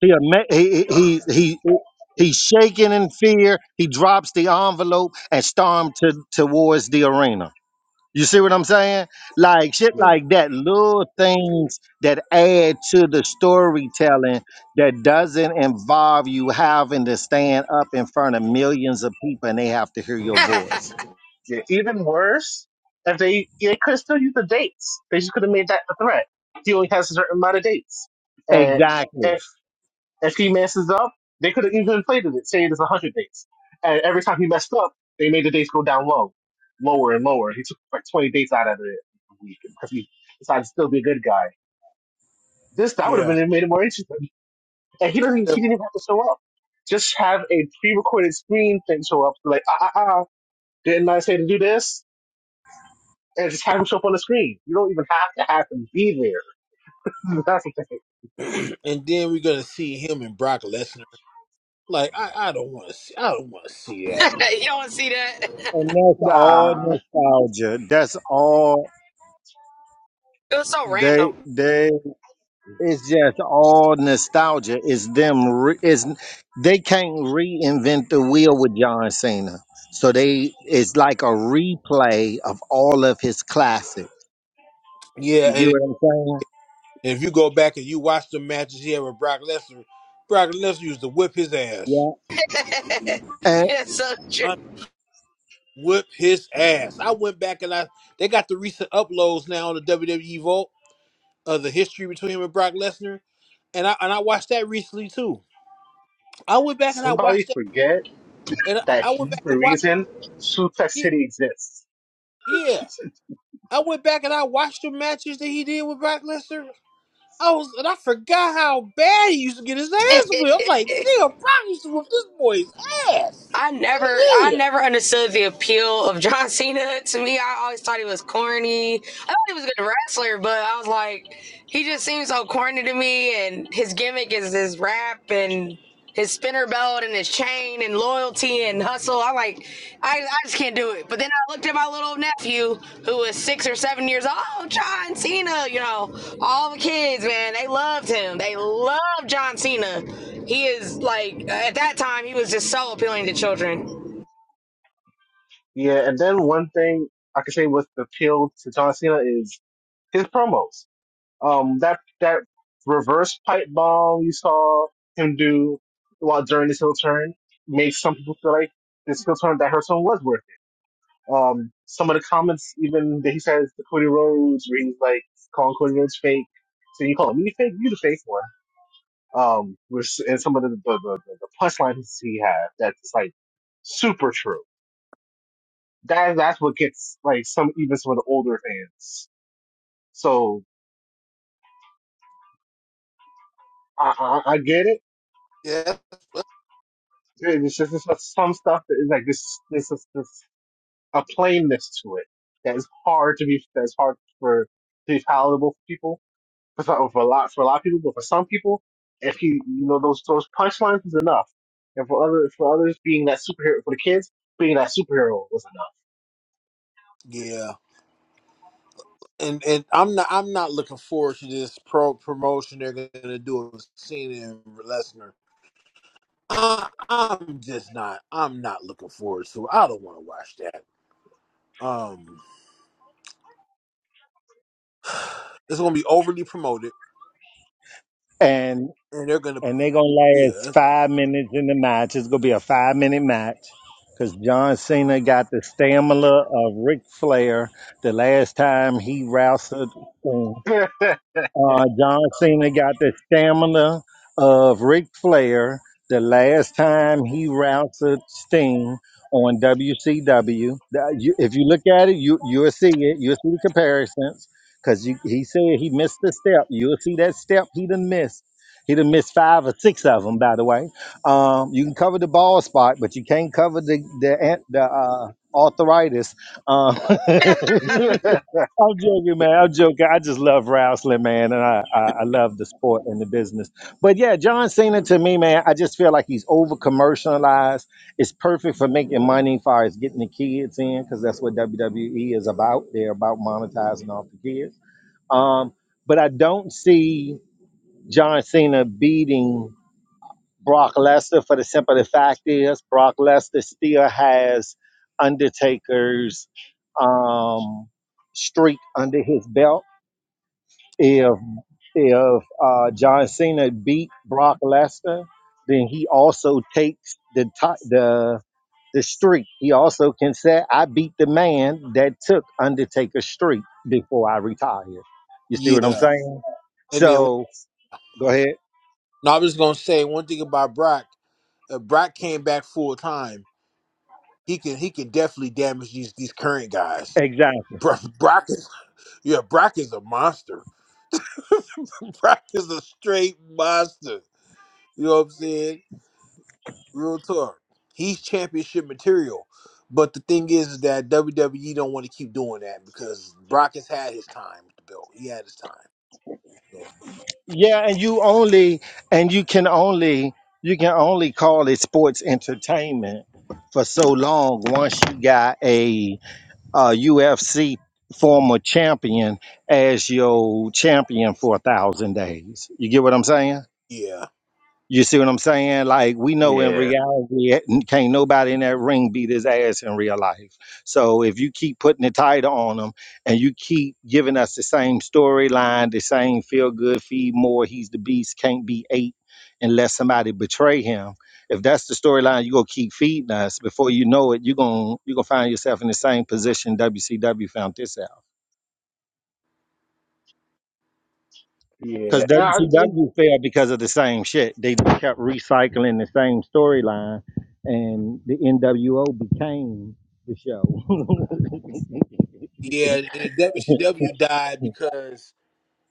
He ama- he he Yeah. he. he He's shaking in fear. He drops the envelope and storms to, towards the arena. You see what I'm saying? Like shit like Yeah. that. Little things that add to the storytelling that doesn't involve you having to stand up in front of millions of people and they have to hear you your voice. yeah. Even worse, if they they could still use the dates. They just could have made that the threat. He only has a certain amount of dates, and Exactly. if If he messes up, they could have even inflated it, saying it's 100 dates. And every time he messed up, they made the dates go down low, lower and lower. He took like 20 dates out of it a week because he decided to still be a good guy. This that would have Yeah. been made it more interesting. And he doesn't. He didn't even have to show up. Just have a pre-recorded screen thing show up. Like ah ah ah, didn't I say to do this? And just have him show up on the screen. You don't even have to have him be there. That's the thing. and then we're gonna see him and Brock Lesnar. Like, I, I don't want to see. I don't want to see that. don't want to see And that. that's Nah, all nostalgia. That's all It was so they random. they It's just all nostalgia. It's them. Re- it's they can't reinvent the wheel with John Cena. So they it's like a replay of all of his classics. Yeah, You get and what if you go back and you watch the matches he had with Brock Lesnar, Brock Lesnar used to whip his ass. I'm saying? Yeah. And it's so true. whip his ass. I went back and I they got the recent uploads now on the WWE Vault of the history between him and Brock Lesnar, and I and I watched that recently too. I went back and I somebody watched that, forget. and I, that I went he's back the and watched reason Sioux Tech it. City exists. Yeah, I went back and I watched the matches that he did with Brock Lesnar. I was and I forgot how bad he used to get his ass whipped. I'm like, damn, Brock used to whip this boy's ass. I never, I Yeah, never understood the appeal of John Cena. To me, I always thought he was corny. I thought he was a good wrestler, but I was like, he just seems so corny to me. And his gimmick is his rap and his spinner belt and his chain and loyalty and hustle. I'm like, I, I just can't do it. But then I looked at my little nephew who was six or seven years old. Oh, John Cena, you know, all the kids, man, they loved him. They loved John Cena. He is like at that time he was just so appealing to children. yeah, and then one thing I can say with the appeal to John Cena is his promos. Um, that that reverse pipe bomb you saw him do while during this heel turn makes some people feel like this heel turn that Hearthstone was worth it. Um, some of the comments even that he says to Cody Rhodes, where he's like calling Cody Rhodes fake. So you call me fake, you the fake one. um, with, and some of the, the, the, the punchlines he had that's like super true. That that's what gets like some even some of the older fans. So I I, I get it. Yeah. It's just it's just some stuff that is like this this is this a plainness to it that is hard to be that's hard for to be palatable for people for some, for a lot for a lot of people, but for some people, if you you know those those punchlines is enough, and for other for others being that superhero for the kids being that superhero was yeah. and and I'm not I'm not looking forward to this pro promotion they're gonna do of Cena and Lesnar. I, I'm just not I'm not looking forward to. it. I don't want to watch that. Um, it's gonna be overly promoted, and and they're gonna and they're gonna yeah last five minutes in the match. It's gonna be a five minute match because John Cena got the stamina of Ric Flair the last time he wrestled. enough. Uh, John Cena got the stamina of Ric Flair the last time he routed Sting on WCW. That- you- If you look at it, you you'll see it. You'll see the comparisons because he said he missed the step. You'll see that step he done missed. He done missed five or six of them, by the way. Um, you can cover the ball spot, but you can't cover the the, an- the uh, arthritis. Um, yeah, I'm joking, man. I'm joking. I just love wrestling, man, and I, I I love the sport and the business. But yeah, John Cena to me, man, I just feel like he's over commercialized. It's perfect for making money, as far as getting the kids in, because that's what WWE is about. They're about monetizing off the kids. Um, but I don't see John Cena beating Brock Lesnar for the simple fact is Brock Lesnar still has Undertaker's um, streak under his belt if if uh, John Cena beat Brock Lesnar, then he also takes the ti- the the streak. He also can say, "I beat the man that took Undertaker's streak before I retire." You see what I'm yeah. saying? And then So go ahead. no, I was gonna say one thing about Brock. If Brock came back full time, he can he can definitely damage these these current guys. Exactly. Bro- Brock is yeah Brock is a monster. Brock is a straight monster. You know what I'm saying? Real talk. He's championship material. But the thing is, is that WWE don't want to keep doing that because Brock has had his time with the belt. He had his time. So Yeah, and you only and you can only you can only call it sports entertainment for so long once you got a uh, UFC former champion as your champion for a thousand days. You get what I'm saying? yeah. You see what I'm saying? Like we know in yeah. reality, it- n- can't nobody in that ring beat his ass in real life. So if you keep putting the title on him and you keep giving us the same storyline, the same feel good, feed more, he's the beast, can't be eight unless somebody betray him. If that's the storyline you're gonna keep feeding us, before you know it, you're gonna you're gonna find yourself in the same position WCW found this out. Because I think WCW failed because of the same shit. They just kept recycling the same storyline, and the NWO became the show. Yeah, and WCW died because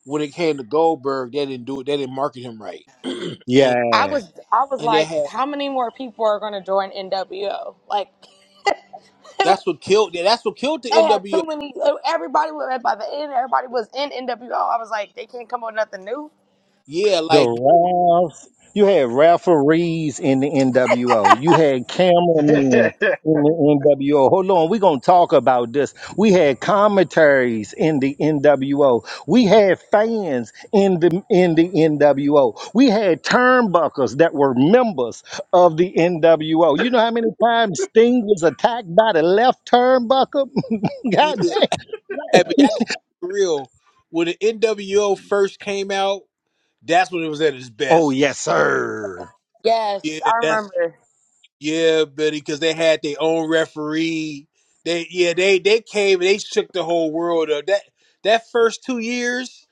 when it came to Goldberg, they didn't do it. They didn't market him right, and I yeah, was I was and they like, had how many more people are going to join NWO? Like that's they what killed. yeah, That's what killed the had NWO. too many. Everybody was by the end. Everybody was in NWO. I was like, they can't come up with nothing new. Yeah, The like Ralphs. You had referees in the NWO. You had cameramen in the NWO. Hold on, we're gonna talk about this. We had commentaries in the NWO. We had fans in the in the NWO. We had turnbuckles that were members of the NWO. You know how many times Sting was attacked by the left turnbuckle? yeah. God damn. Hey, but y'all got to be real. When the NWO first came out, that's when it was at its Oh best. yes, sir. Yes, Yeah, I that's remember. Yeah, Betty, because they had their own referee. They yeah, they they came and they shook the whole world up. That that first two years,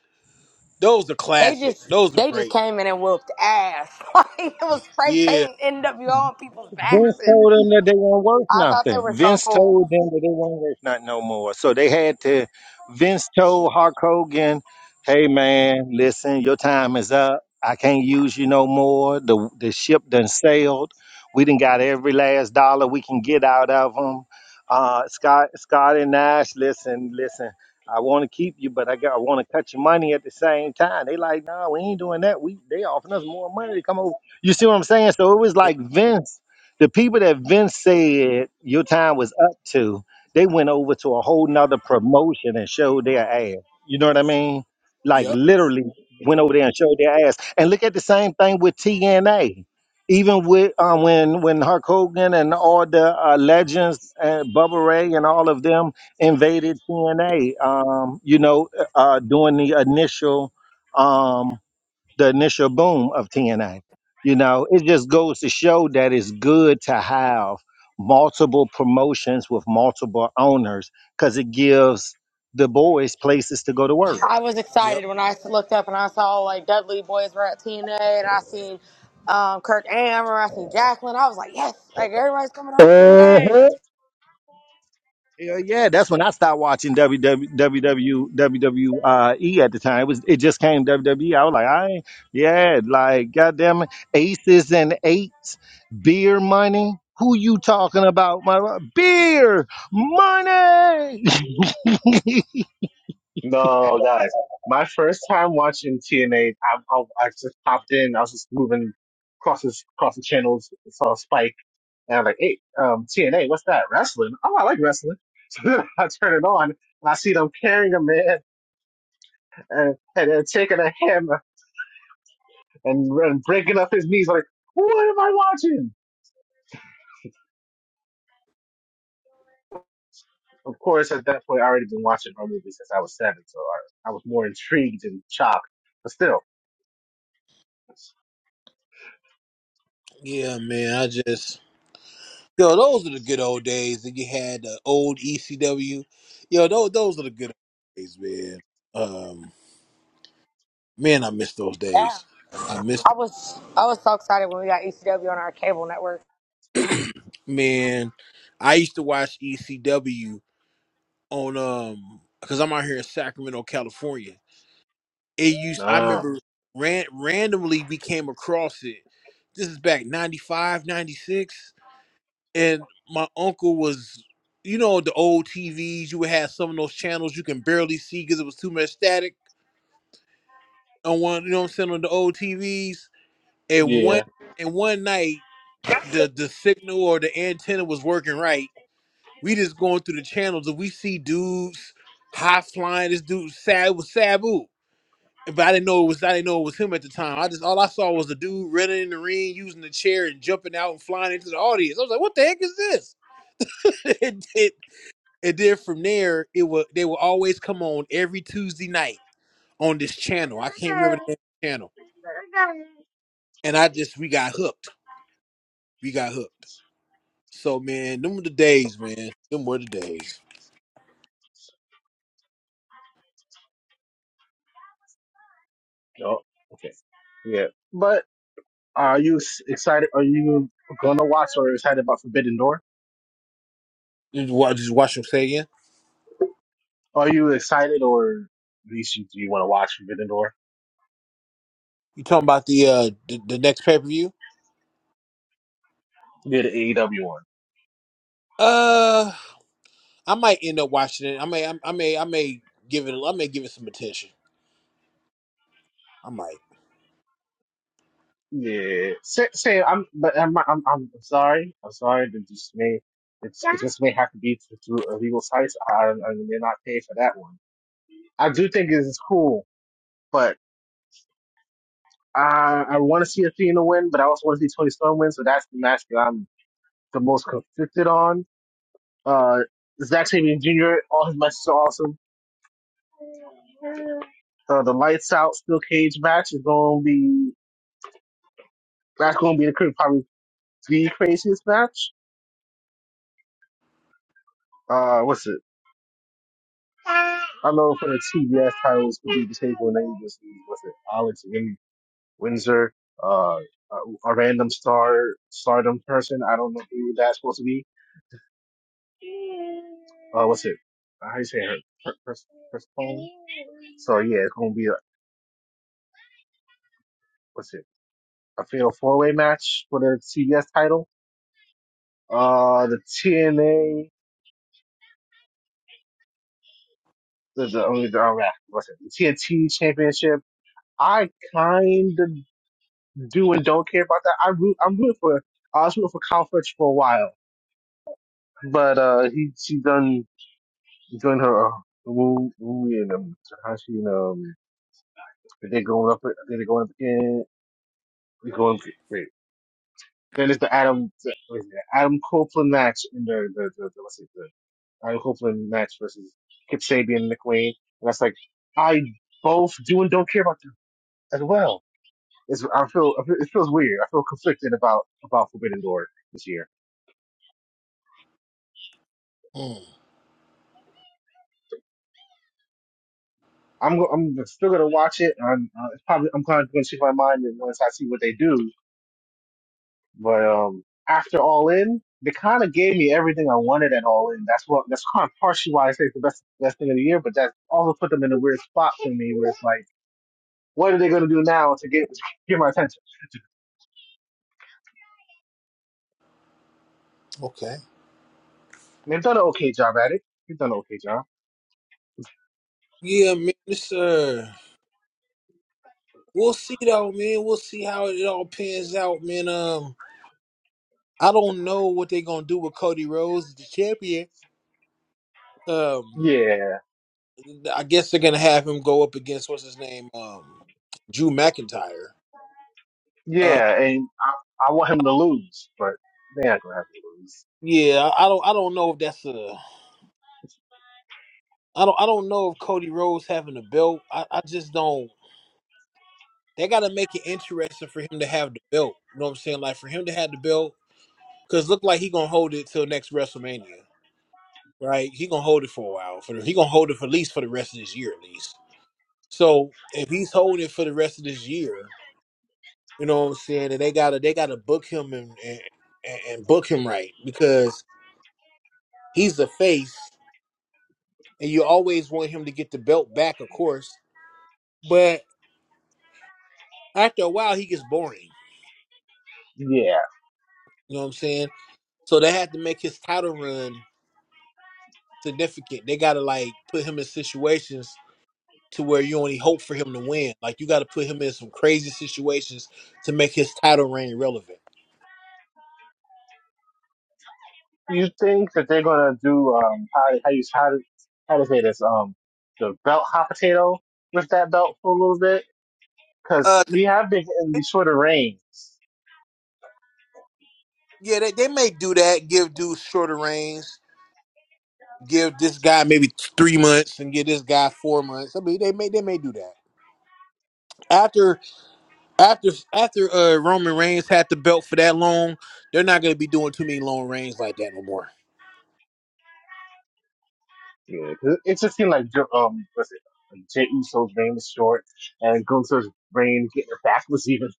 those are They classic. just Those are they just great. came in and whooped ass. Like it was spray Yeah. painting NWO on people's backs, Vince and told them that they weren't worth I thought they nothing. were so Vince cool. told them that they weren't worth nothing no more. So they had to. Vince told Hulk Hogan, "Hey man, listen, your time is up. I can't use you no more. The the ship done sailed. We done got every last dollar we can get out of them. Uh, Scott Scott and Nash, listen, listen." I want to keep you, but I got I want to cut your money at the same time. They like, no, we ain't doing that. We they offering us more money to come over. You see what I'm saying? So it was Yep. like Vince the people that Vince said your time was up to, they went over to a whole nother promotion and showed their ass. You know what I mean? Like Yep. literally went over there and showed their ass. And look at the same thing with TNA. Even with uh, when when Hulk Hogan and all the uh, legends, uh, Bubba Ray and all of them invaded TNA, um, you know, uh, uh, during the initial um, the initial boom of TNA. You know, it just goes to show that it's good to have multiple promotions with multiple owners because it gives the boys places to go to work. I was Yep. excited when I looked up and I saw like Dudley boys were at TNA and I seen um, Kirk Amber, I seen Jacqueline. I was like, yes, like everybody's coming over TNA. Yeah, yeah, that's when I started watching WW WW WWE at the time. It was it just came WWE. I was like, I ain't- yeah, like goddamn it, aces and eights, beer money. Who you talking about? My beer money. no, guys. My first time watching TNA, I, I, I just popped in. I was just moving across this, across the channels, saw Spike, and I'm like, "Hey, um, TNA, what's that? Wrestling? Oh, I like wrestling." So then I turn it on, and I see them carrying a man and and, and taking a hammer and, and breaking up his knees. Like, what am I watching? Of course, at that point, I already been watching horror movies since I was seven, so I, I was more intrigued and shocked. But still, Yeah, man. I just yo, those are the good old days. And you had the old ECW. Yo, those those are the good old days, man. Um, man, I miss those Yeah, days. I miss I was I was so excited when we got ECW on our cable network. man. I used to watch ECW on um because I'm out here in Sacramento, California. It used I nah, remember ran randomly we came across it. This is back 95, 96, and my uncle was you know the old TVs you would have some of those channels you can barely see cuz it was too much static on one you know what I'm saying on the old TVs and one yeah, and one night the the signal or the antenna was working right. We just going through the channels and we see dudes high flying this dude sad was Sabu but I didn't know it was I didn't know it was him at the time. I just all I saw was the dude running in the ring, using the chair and jumping out and flying into the audience. I was like, what the heck is this? and, then- and then from there, it will they will always come on every Tuesday night on this channel. I can't remember the name of the channel. And I just we got hooked. We got hooked. So man, them were the days, man. Them were the days. no, okay, yeah. But are you s- excited? Are you gonna watch or excited about Forbidden Door? Just watch, just watch them say again. Are you excited or at least you, do you want to watch Forbidden Door? You talking about the uh the, the next pay per view? Yeah, the AEW one. Uh. I might end up watching it. I may, I, I may, I may give it. I may give it some attention. I might. Yeah, say, say I'm, but I'm, I'm, I'm sorry, I'm sorry. That just may, it's, it just may have to be through through illegal sites. I, I may not pay for that one. I do think it's cool But I I want to see Athena win, but I also want to see Tony Storm win. So that's the match that I'm the most conflicted on. Uh, Zack Sabian Jr. All his matches are awesome. Uh, the lights out steel cage match is going to be that's going to be the cra- probably the craziest match. Uh, what's it? I know for the TBS titles could be the table and then just what's it? Alex Win- Windsor, uh, a, a random star stardom person. I don't know who that's supposed to be. Uh, what's it? How do you say her? Chris, Chris Paul. So yeah, it's gonna be a what's it? A fatal four way match for the CBS title. Uh, the TNA, the the only the, oh, yeah, what's it? The TNT Championship. I kind of do and don't care about that. I root, I'm rooting for. I was rooting for Kyle Fletcher for a while, but uh, he she done doing her. Uh, Woo, woo, and um, how she, um, they going up, they going up again, they going, wait, Then it's the Adam the- what is it, Adam Copeland match in the the, the, the what's it the Adam Copeland match versus Kip Sabian and Nick Wayne. And that's like I both do and don't care about them as well. It's I feel I feel- it feels weird. I feel conflicted about about Forbidden Door this year. Hmm. I'm go, I'm still gonna watch it. I'm uh, it's probably I'm kind of gonna change my mind once I see what they do. But um, after All In, they kind of gave me everything I wanted at All In. That's what that's kind of partially why I say it's the best best thing of the year. But that also put them in a weird spot for me, where it's like, what are they going to do now to get get my attention? okay. And they've done an okay job at it. They've done an okay job. Yeah, man, sir. We'll see though, man. We'll see how it all pans out, man. Um, I don't know what they're gonna do with Cody Rhodes, the champion. Um, Yeah, I guess they're gonna have him go up against what's his name, um, Drew McIntyre. Uh, yeah, and I, I want him to lose, but they ain't going to have to lose. yeah, I I don't, I don't know if that's a. I don't, I don't know if Cody Rhodes having a belt. I, I just don't. They got to make it interesting for him to have the belt. You know what I'm saying? Like for him to have the belt, because look like he gonna hold it till next WrestleMania, right? He gonna hold it for a while. For the, he gonna hold it for at least for the rest of this year, at least. So if he's holding it for the rest of this year, you know what I'm saying? And they gotta they gotta book him and and, and book him right because he's the face, and you always want him to get the belt back, of course. But after a while, he gets boring. Yeah, You know what I'm saying? So they had to make his title run significant. They gotta like put him in situations to where you only hope for him to win. Like you gotta put him in some crazy situations to make his title reign relevant. You think that they're gonna do um how how you how to how to say this um the belt hot potato with that belt for a little bit because Uh, th- we have been in these sort of reigns. yeah, they, they may do that. Give dudes shorter reigns. Give this guy maybe three months and give this guy four months. I mean, they may they may do that after after after uh Roman Reigns had the belt for that long. They're not gonna be doing too many long reigns like that no more. Yeah, 'cause it just seemed like um what's it like Jey Uso's reign was short and Gunther's reign getting it back was even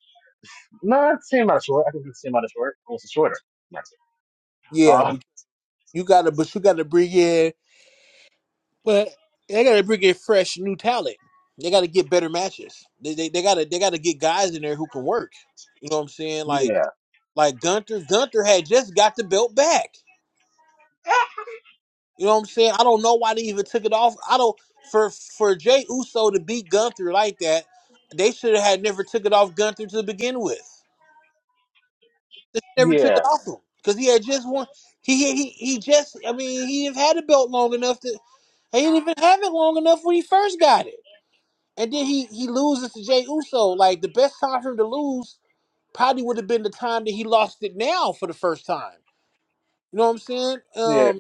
not the same amount of short. I think it's the same amount of short. It was shorter. That's it. Yeah, Uh, but you gotta, but you gotta bring in But they got to bring in fresh new talent. They got to get better matches. They they, they got to they got to get guys in there who can work. You know what I'm saying? Like yeah, like Gunther Gunther had just got the belt back. You know what I'm saying? I don't know why they even took it off. I don't for for Jay Uso to beat Gunther like that. They should have had never took it off Gunther to begin with. They never took yeah, it off him because he had just won. He he he just. I mean, he had had the belt long enough to. He didn't even have it long enough when he first got it. And then he he loses to Jay Uso. Like the best time for him to lose probably would have been the time that he lost it now for the first time. You know what I'm saying? yeah. Um,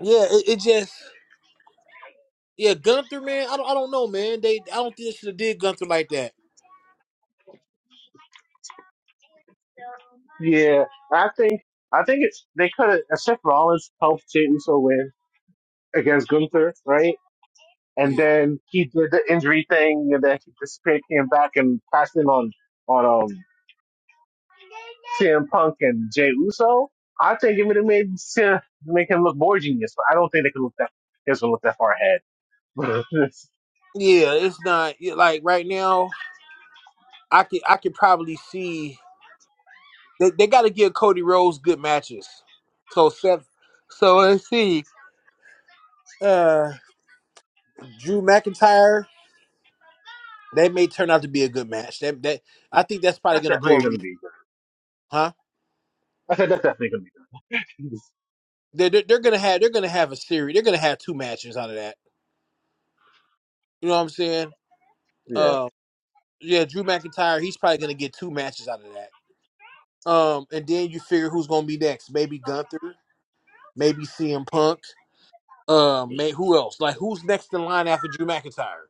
yeah, it, it just yeah, Gunther man. I don't I don't know man. They I don't think they should have did Gunther like that. Yeah, I think I think it's they could have Except Rollins helped Jeyuso win against Gunther, right? And Yeah, then he did the injury thing, and then he disappeared, came back, and passed in on on um CM Punk and Jey Uso. I think it would have made Seth, make him look more genius, but I don't think they could look that they can look that far ahead. yeah, it's not yeah, like right now. I could I could probably see they they got to give Cody Rhodes good matches. So Seth, so let's see. Uh, Drew McIntyre. That may turn out to be a good match. That that I think that's probably that's gonna go definitely a gonna be. good. huh? I said that's definitely gonna be good. They they're, they're gonna have they're gonna have a series. They're gonna have two matches out of that. You know what I'm saying? yeah, Um, yeah, Drew McIntyre. He's probably gonna get two matches out of that. Um, and then you figure who's gonna be next? Maybe Gunther. Maybe CM Punk. Um, may, who else? Like who's next in line after Drew McIntyre?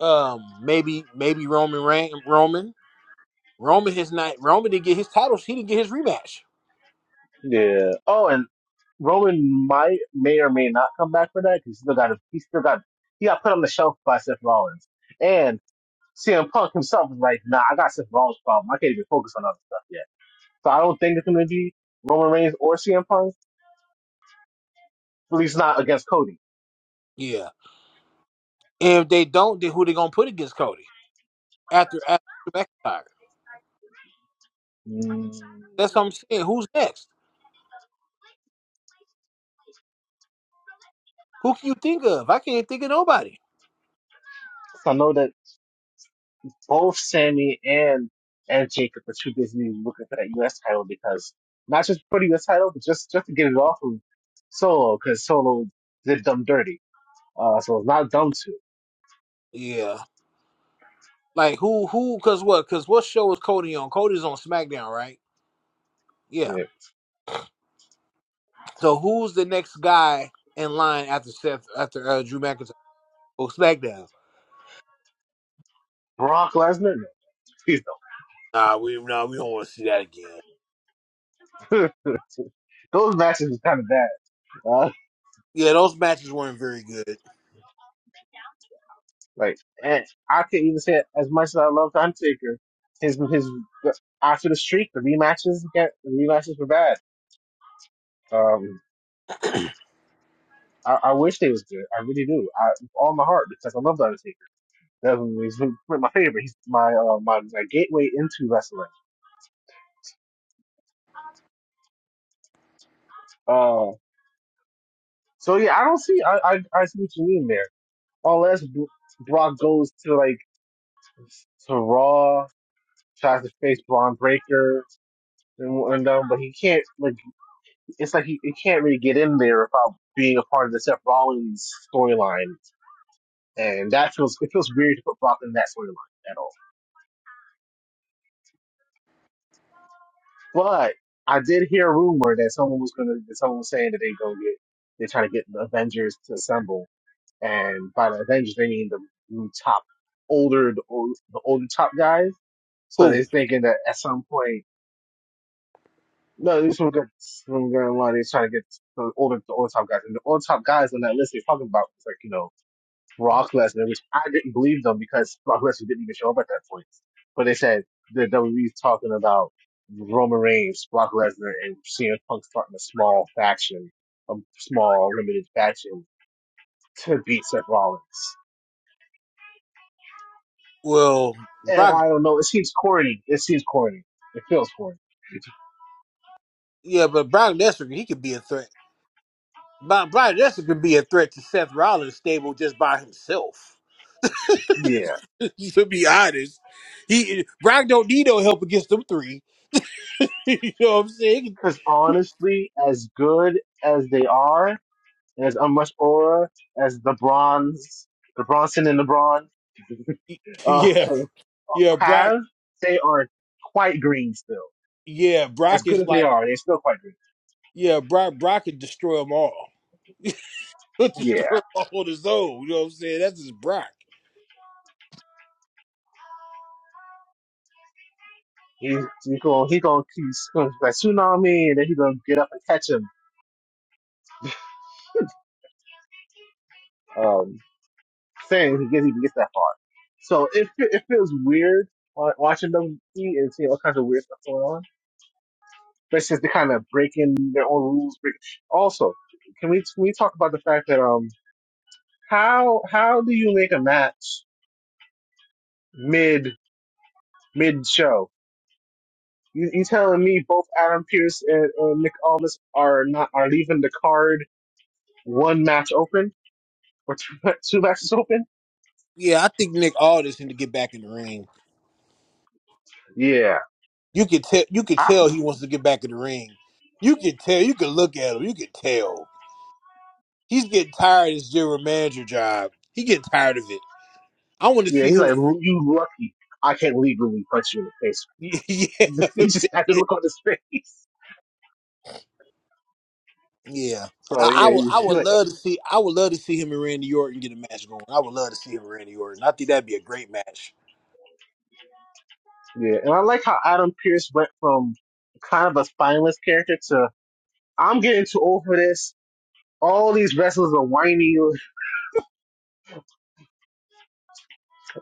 Um, maybe maybe Roman Reign, Roman Roman his night Roman didn't get his titles. He didn't get his rematch. yeah. Oh, and Roman might may or may not come back for that because he still got he still got he got put on the shelf by Seth Rollins and CM Punk himself is like, nah, I got Seth Rollins' problem. I can't even focus on other stuff yet. So I don't think it's going to be Roman Reigns or CM Punk, at least not against Cody. Yeah. And if they don't, then who they gonna put against Cody after after Drew McIntyre? Mm. That's what I'm So saying. Who's next? Who can you think of? I can't think of nobody. I know that both Sammy and and Jacob are too busy looking for that U.S. title because not just for the U.S. title, but just just to get it off of Solo because Solo did dumb dirty. Uh, so it's not dumb too. Yeah. Like who who cause what? Cause what show is Cody on? Cody's on SmackDown, right? Yeah. So who's the next guy in line after Seth after uh, Drew McIntyre? Oh SmackDown. Brock Lesnar? No, please Nah, we nah, we don't want to see that again. don't. Those matches was kind of bad. Uh, Yeah, those matches weren't very good. like, and I can even say it as much as I love Undertaker, his his after the streak, the rematches got the rematches were bad. Um, I, I wish they was good. I really do. I with all my heart because I love the Undertaker. That's he's my favorite. He's my uh, my, my gateway into wrestling. Uh, so yeah, I don't see. I I, I see what you mean there. Unless Brock goes to like to Raw tries to face Braun Breaker and, and um, but he can't like it's like he, he can't really get in there without being a part of the Seth Rollins storyline, and that feels it feels weird to put Brock in that storyline at all. But I did hear a rumor that someone was gonna that someone was saying that they go get they're trying to get the Avengers to assemble, and by the Avengers they mean the new top older the, old, the older top guys. So Who? they're thinking that at some point No, these from good from Grand Line. He's trying to get the older the old top guys. And the old top guys on that list he's talking about was like, you know, Brock Lesnar, which I didn't believe them because Brock Lesnar didn't even show up at that point. But they said the WWE's talking about Roman Reigns, Brock Lesnar, and CM Punk starting a small faction, a small limited faction to beat Seth Rollins. Well, And Brock I don't know, it seems corny. It seems corny. It feels corny. yeah, but Brock Lesnar, he could be a threat. Bro- Brock Lesnar could be a threat to Seth Rollins stable just by himself. Yeah. to be honest. He Brock don't need no help against them three. you know what I'm saying? Because honestly, as good as they are, and as much aura as the bronze, the Bronson and Lebron uh, Yeah, yeah, Brock. have, they are quite green still. Yeah, As Brock good is as they like, are, they're still quite green. yeah, Brock. Brock could destroy them all. Yeah, destroy 'em all on his own. You know what I'm saying? That's his Brock. he's he going he going he's going to tsunami, and then he's gonna get up and catch him. Um, saying he gets even gets that far. So it fe- it feels weird uh, watching them eat and seeing all kinds of weird stuff going on but it's just they're kind of breaking their own rules. break- Also, can we can we talk about the fact that um how how do you make a match mid mid show? You, you telling me both Adam Pierce and, and Nick Aldis are not are leaving the card one match open or two, two matches open? Yeah, I think Nick Aldis need to get back in the ring. Yeah, You could tell. You could I, tell he wants to get back in the ring. You could tell. You could look at him. You could tell he's getting tired of his general manager job. He getting tired of it. I want to yeah. see He's him in like the ring. you lucky. I can't legally punch you in the face. he just had to yeah, look on his face. Yeah, So I, yeah, I would. I you- you're would like, love to see. I would love to see him and Randy Orton get a match going. I would love to see him and Randy Orton. I think that'd be a great match. Yeah, and I like how Adam Pierce went from kind of a spineless character to I'm getting too old for this. All these wrestlers are whiny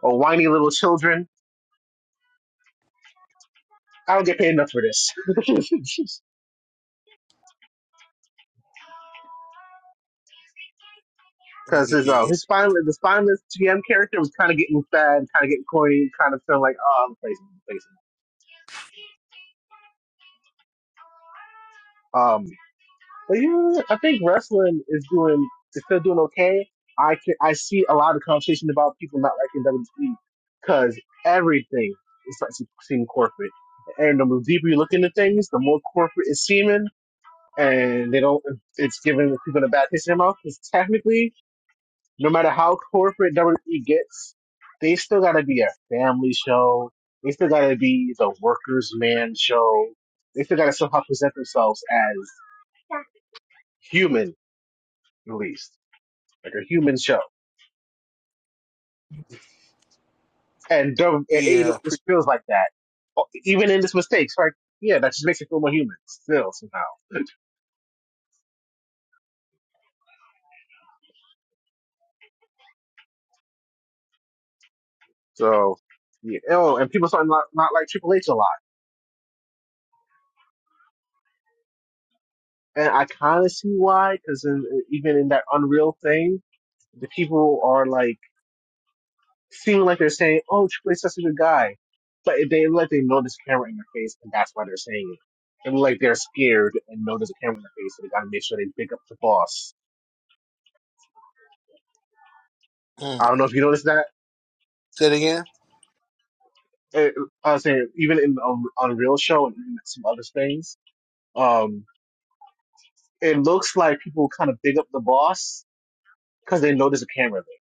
or whiny little children. I don't get paid enough for this. Because his uh, Yeah, his spineless the spineless GM character was kind of getting fat, kind of getting corny, kind of feeling like oh I'm replacing, replacing. Um. But yeah, I think wrestling is doing is still doing okay. I can I see a lot of conversation about people not liking WWE because everything is starting to seem corporate, and the deeper you look into things, the more corporate it's seeming, and they don't. It's giving people a bad taste in their mouth because technically, no matter how corporate WWE gets, they still gotta be a family show. They still gotta be the workers' man show. They still gotta somehow present themselves as human, at least. like a human show. And don't, it, yeah. Pre- just feels like that. Oh, Even in its mistakes, like, yeah, that just makes it feel more human still somehow. So, yeah. Oh, and people starting not, not like Triple H a lot. And I kind of see why, because even in that Unreal thing, the people are like, seeming like they're saying, oh, Triple H is such a good guy. But they look like they know there's a camera in their face, and that's why they're saying it. And like they're scared and know there's a camera in their face, and they gotta make sure they pick up the boss. mm. I don't know if you noticed Say it again. it, I was saying even in um, on Real Show and even some other things, um, it looks like people kind of big up the boss because they know there's a camera there,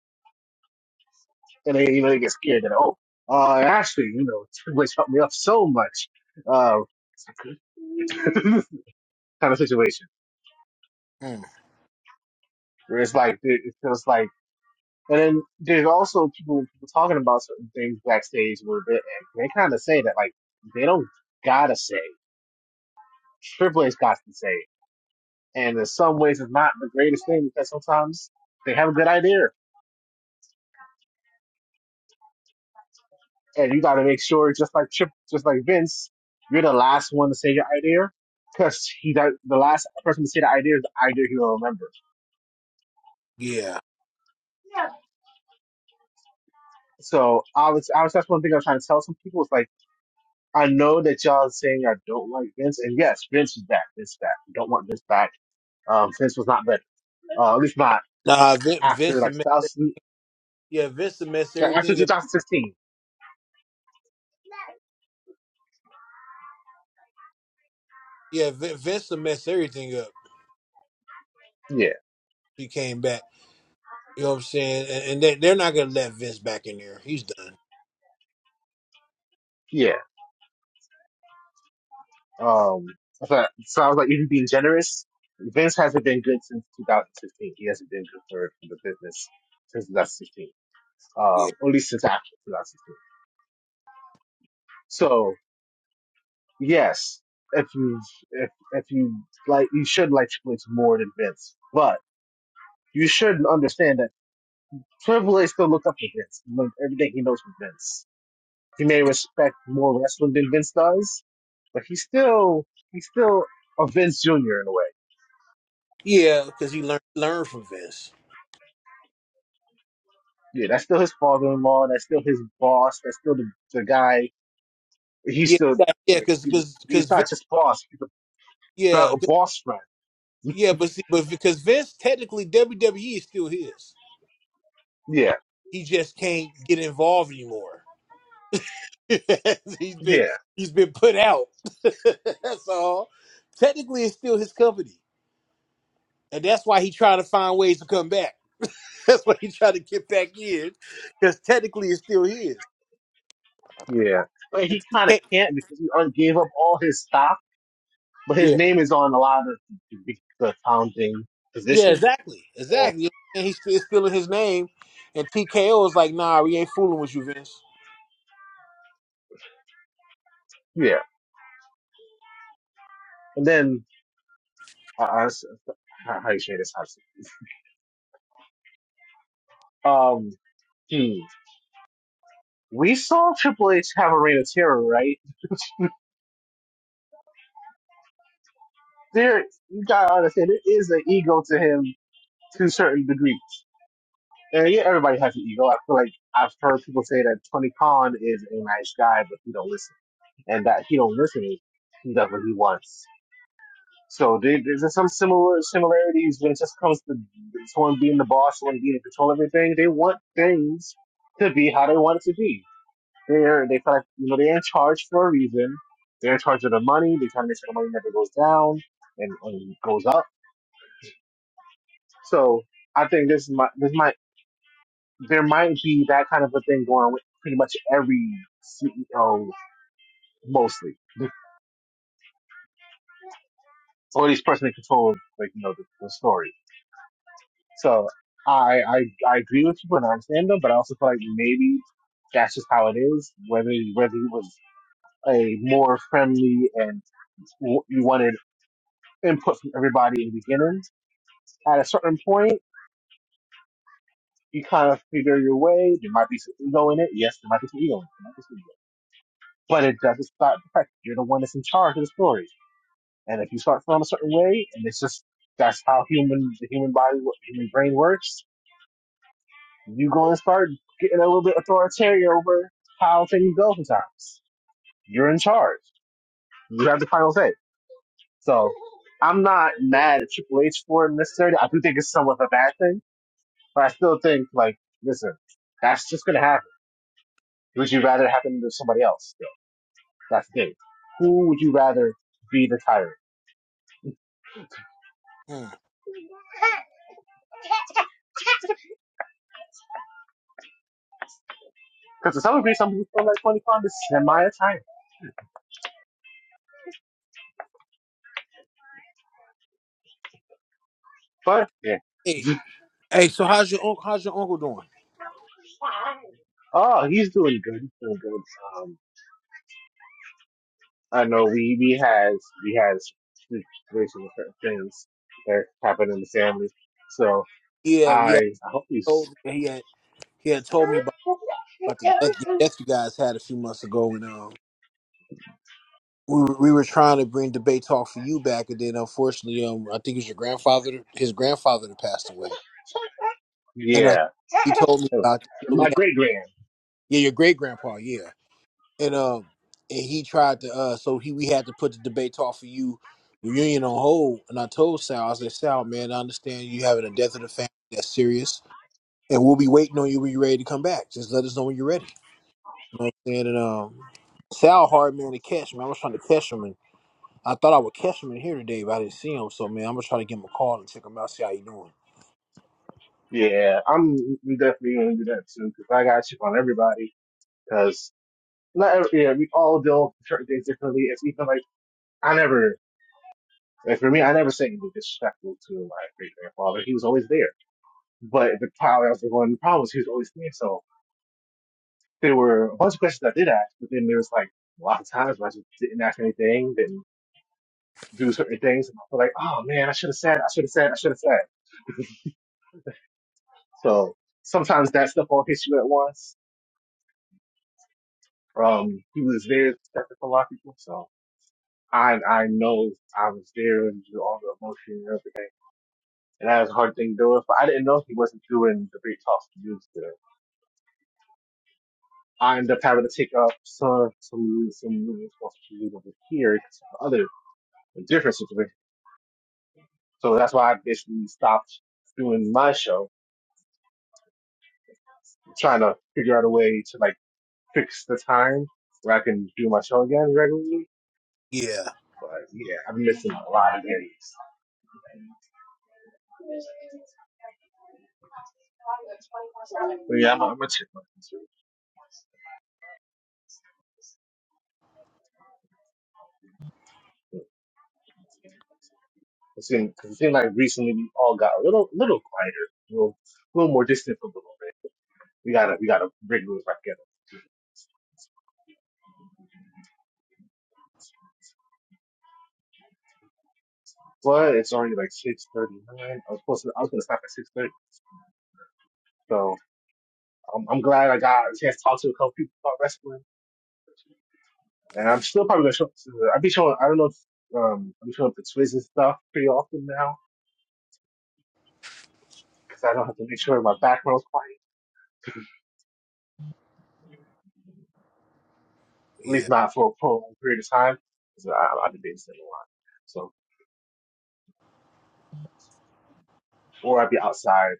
and they you know they get scared that oh, uh, Ashley, you know, which helped me up so much, uh, kind of situation Mm. where it's like it it feels like, and then there's also people, people talking about certain things backstage where they they kind of say that like they don't gotta say Triple H got to say. And in some ways, it's not the greatest thing because sometimes they have a good idea, and you got to make sure, just like Chip, just like Vince, you're the last one to say your idea because he that the last person to say the idea is the idea he'll remember. Yeah. So I was, I was that's one thing I'm trying to tell some people is like, I know that y'all are saying I don't like Vince, and yes, Vince is back, Vince is back. You don't want Vince back. Um, Vince was not better, uh, at least not Nah, Vince. after Vince like will mess- 2000, yeah, Vince will mess after everything up. 2016. Yeah, Vin- Vince will mess everything up. Yeah, if He came back. You know what I'm saying? And, and they, they're not gonna let Vince back in there. He's done. yeah. Um, so, so I was like, even being generous, Vince hasn't been good since 2016. He hasn't been good for the business since 2016. Yeah. Um, at least since after 2016. So yes, if you if if you like, you should like Triple H more than Vince, but you should understand that Triple H still looks up to Vince. He learned everything he knows from Vince. He may respect more wrestling than Vince does, but he's still he's still a Vince Jr. in a way. Yeah, because he learned learned from Vince. Yeah, that's still his father-in-law. That's still his boss. That's still the, the guy. He's Yeah, still yeah, because because he's because Vince. not just boss. He's a Yeah, ba- 'cause boss friend. Yeah, but see, but because Vince technically WWE is still his. Yeah, He just can't get involved anymore. he's been yeah, he's been put out. that's all. Technically, it's still his company, and that's why he tried to find ways to come back. That's why he tried to get back in, because technically, it's still his. yeah. But And he kind of TK, can't because he un- gave up all his stock. But his yeah, name is on a lot of the, the, the founding yeah, positions. exactly, Or exactly. And he's still, it's still in his name. And TKO is like, nah, we ain't fooling with you, Vince. yeah, and then uh, uh, how how you say this? How you say it? Um, hmm. we saw Triple H have a reign of terror, right? there you gotta understand there is an ego to him to a certain degree. And yeah, everybody has an ego. I feel like I've heard people say that Tony Khan is a nice guy, but he don't listen, and that he don't listen is he does what he wants. So there- there's just some similar similarities when it just comes to someone being the boss, someone being in control of everything. They want things to be how they want it to be. They're they feel like you know they're in charge for a reason. They're in charge of the money. They try to make sure the money never goes down and, and goes up. So I think this is my this might there might be that kind of a thing going on with pretty much every CEO mostly, or at least person in control of like you know the, the story. So I, I I agree with you and I understand them, but I also feel like maybe that's just how it is. Whether whether he was a more friendly and w- you wanted input from everybody in the beginning, at a certain point you kind of figure your way. There might be some ego in it. Yes, there might be some ego. in it. There might be some ego. But it doesn't stop the fact that you're the one that's in charge of the story And if you start feeling a certain way, and it's just that's how human the human body, human brain works, you go and start getting a little bit authoritarian over how things go. Sometimes you're in charge. You have the final say. So I'm not mad at Triple H for it necessarily. I do think it's somewhat of a bad thing, but I still think like, listen, that's just gonna happen. Would you rather it happen to somebody else? Still, that's the thing. Who would you rather be the tyrant? Hmm. Because to some degree, some people feel like Tony Khan is semi a tyrant. But yeah. Hey, hey, so how's your uncle? How's your uncle doing? Oh, he's doing good. He's doing good. Um, I know we we has we has situations with certain things that happen in the family. So Yeah, yeah. I I hope told he's me he had he had told me about, about the death, the death you guys had a few months ago, and um, we were, we were trying to bring debate talk for you back, and then unfortunately, um, I think it was your grandfather, his grandfather that passed away, and uh, yeah. he told me about so we My had great grand. yeah your great grandpa yeah, and um and he tried to uh so he we had to put the debate talk for you reunion on hold, and I told Sal I said Sal man I understand you having a death of the family that's serious, and we'll be waiting on you when you're ready to come back. Just let us know when you're ready. You know what I'm saying? And um, Sal hard man to catch, man. I was trying to catch him, and I thought I would catch him in here today, but I didn't see him. So man, I'm gonna try to give him a call and check him out, see how he doing. Yeah, I'm we definitely gonna do that too because I got shit on everybody because not every, yeah we all deal with certain things differently. It's even like I never like for me I never said anything disrespectful to my great grandfather. He was always there, but the problem that was the one problem was he was always there. So. there were a bunch of questions I did ask, but then there was like a lot of times where I just didn't ask anything, didn't do certain things. And I feel like, oh man, I should have said, I should have said, I should have said. So sometimes that stuff all hits you at once. Um, he was there expected for a lot of people. So I, I know I was there and do all the emotion and everything. And that was a hard thing to do with, but I didn't know he wasn't doing the big talks he used to. I ended up having to take up some, some, some responsibility over here, some other different situations So that's why I basically stopped doing my show, I'm trying to figure out a way to like fix the time where I can do my show again regularly. Yeah, But yeah, I've been missing a lot of days. But yeah, I'm, I'm a chipmunk. It seemed, it seemed like recently we all got a little, little quieter, a little, a little more distant for a little bit. We gotta, we gotta bring those back together. But it's already like 6:39. I was supposed to, I was gonna stop at 6:30. So I'm, I'm glad I got a chance to talk to a couple people about wrestling. And I'm still probably gonna show. up to the, I'll be showing. I don't know. If, um, I'm showing up to Twiz and stuff pretty often now because I don't have to make sure my background's quiet. at least yeah, not for a prolonged period of time. So I, I've been babysitting a lot. So, or I'd be outside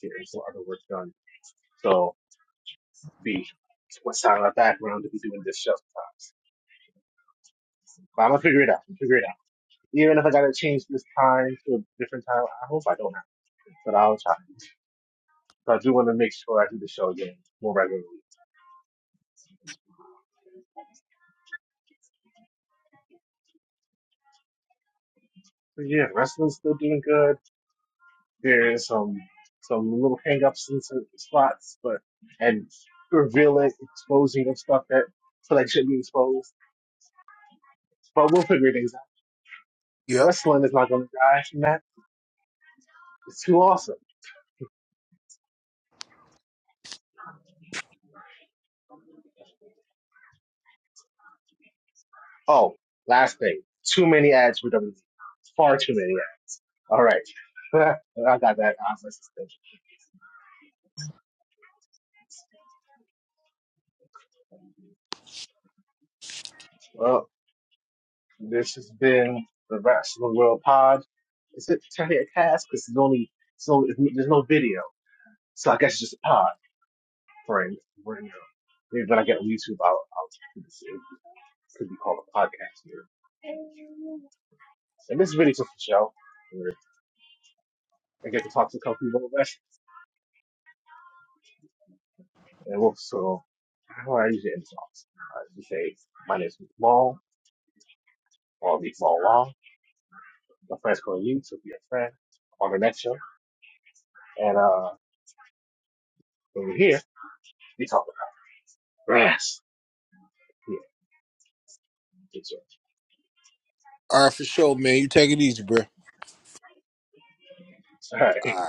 getting some other work done. So, be what's sound in the background to be doing this show sometimes. But I'm gonna figure it out. I'm gonna figure it out. Even if I gotta change this time to a different time, I hope I don't have to, but I'll try. So I do want to make sure I do the show again more regularly. But yeah, wrestling's still doing good. There's um some little hang-ups in certain spots, but and revealing, exposing of stuff that feel like should be exposed. But we'll figure things out. yep. Wrestling is not going to die from that. It's too awesome. Oh, last thing. Too many ads for WWE. Far too many ads. All right. I got that. I was like, well, this has been the Wrestling World Pod. Is it technically a cast? Because it's only so there's no video, so I guess it's just a pod. friends. We're in a- Maybe when I get on YouTube, I'll, I'll do this. It could be called a podcast here. And this is really just a show where I get to talk to a couple people less. And also, how I usually end talks. I just say, my name is Maul, or Meek Maul Law. My friends call you, so be a friend on the next show. And uh, when we're here, we talk about grass. Yeah, good show. All right, for sure, man. You take it easy, bro. All All right. right.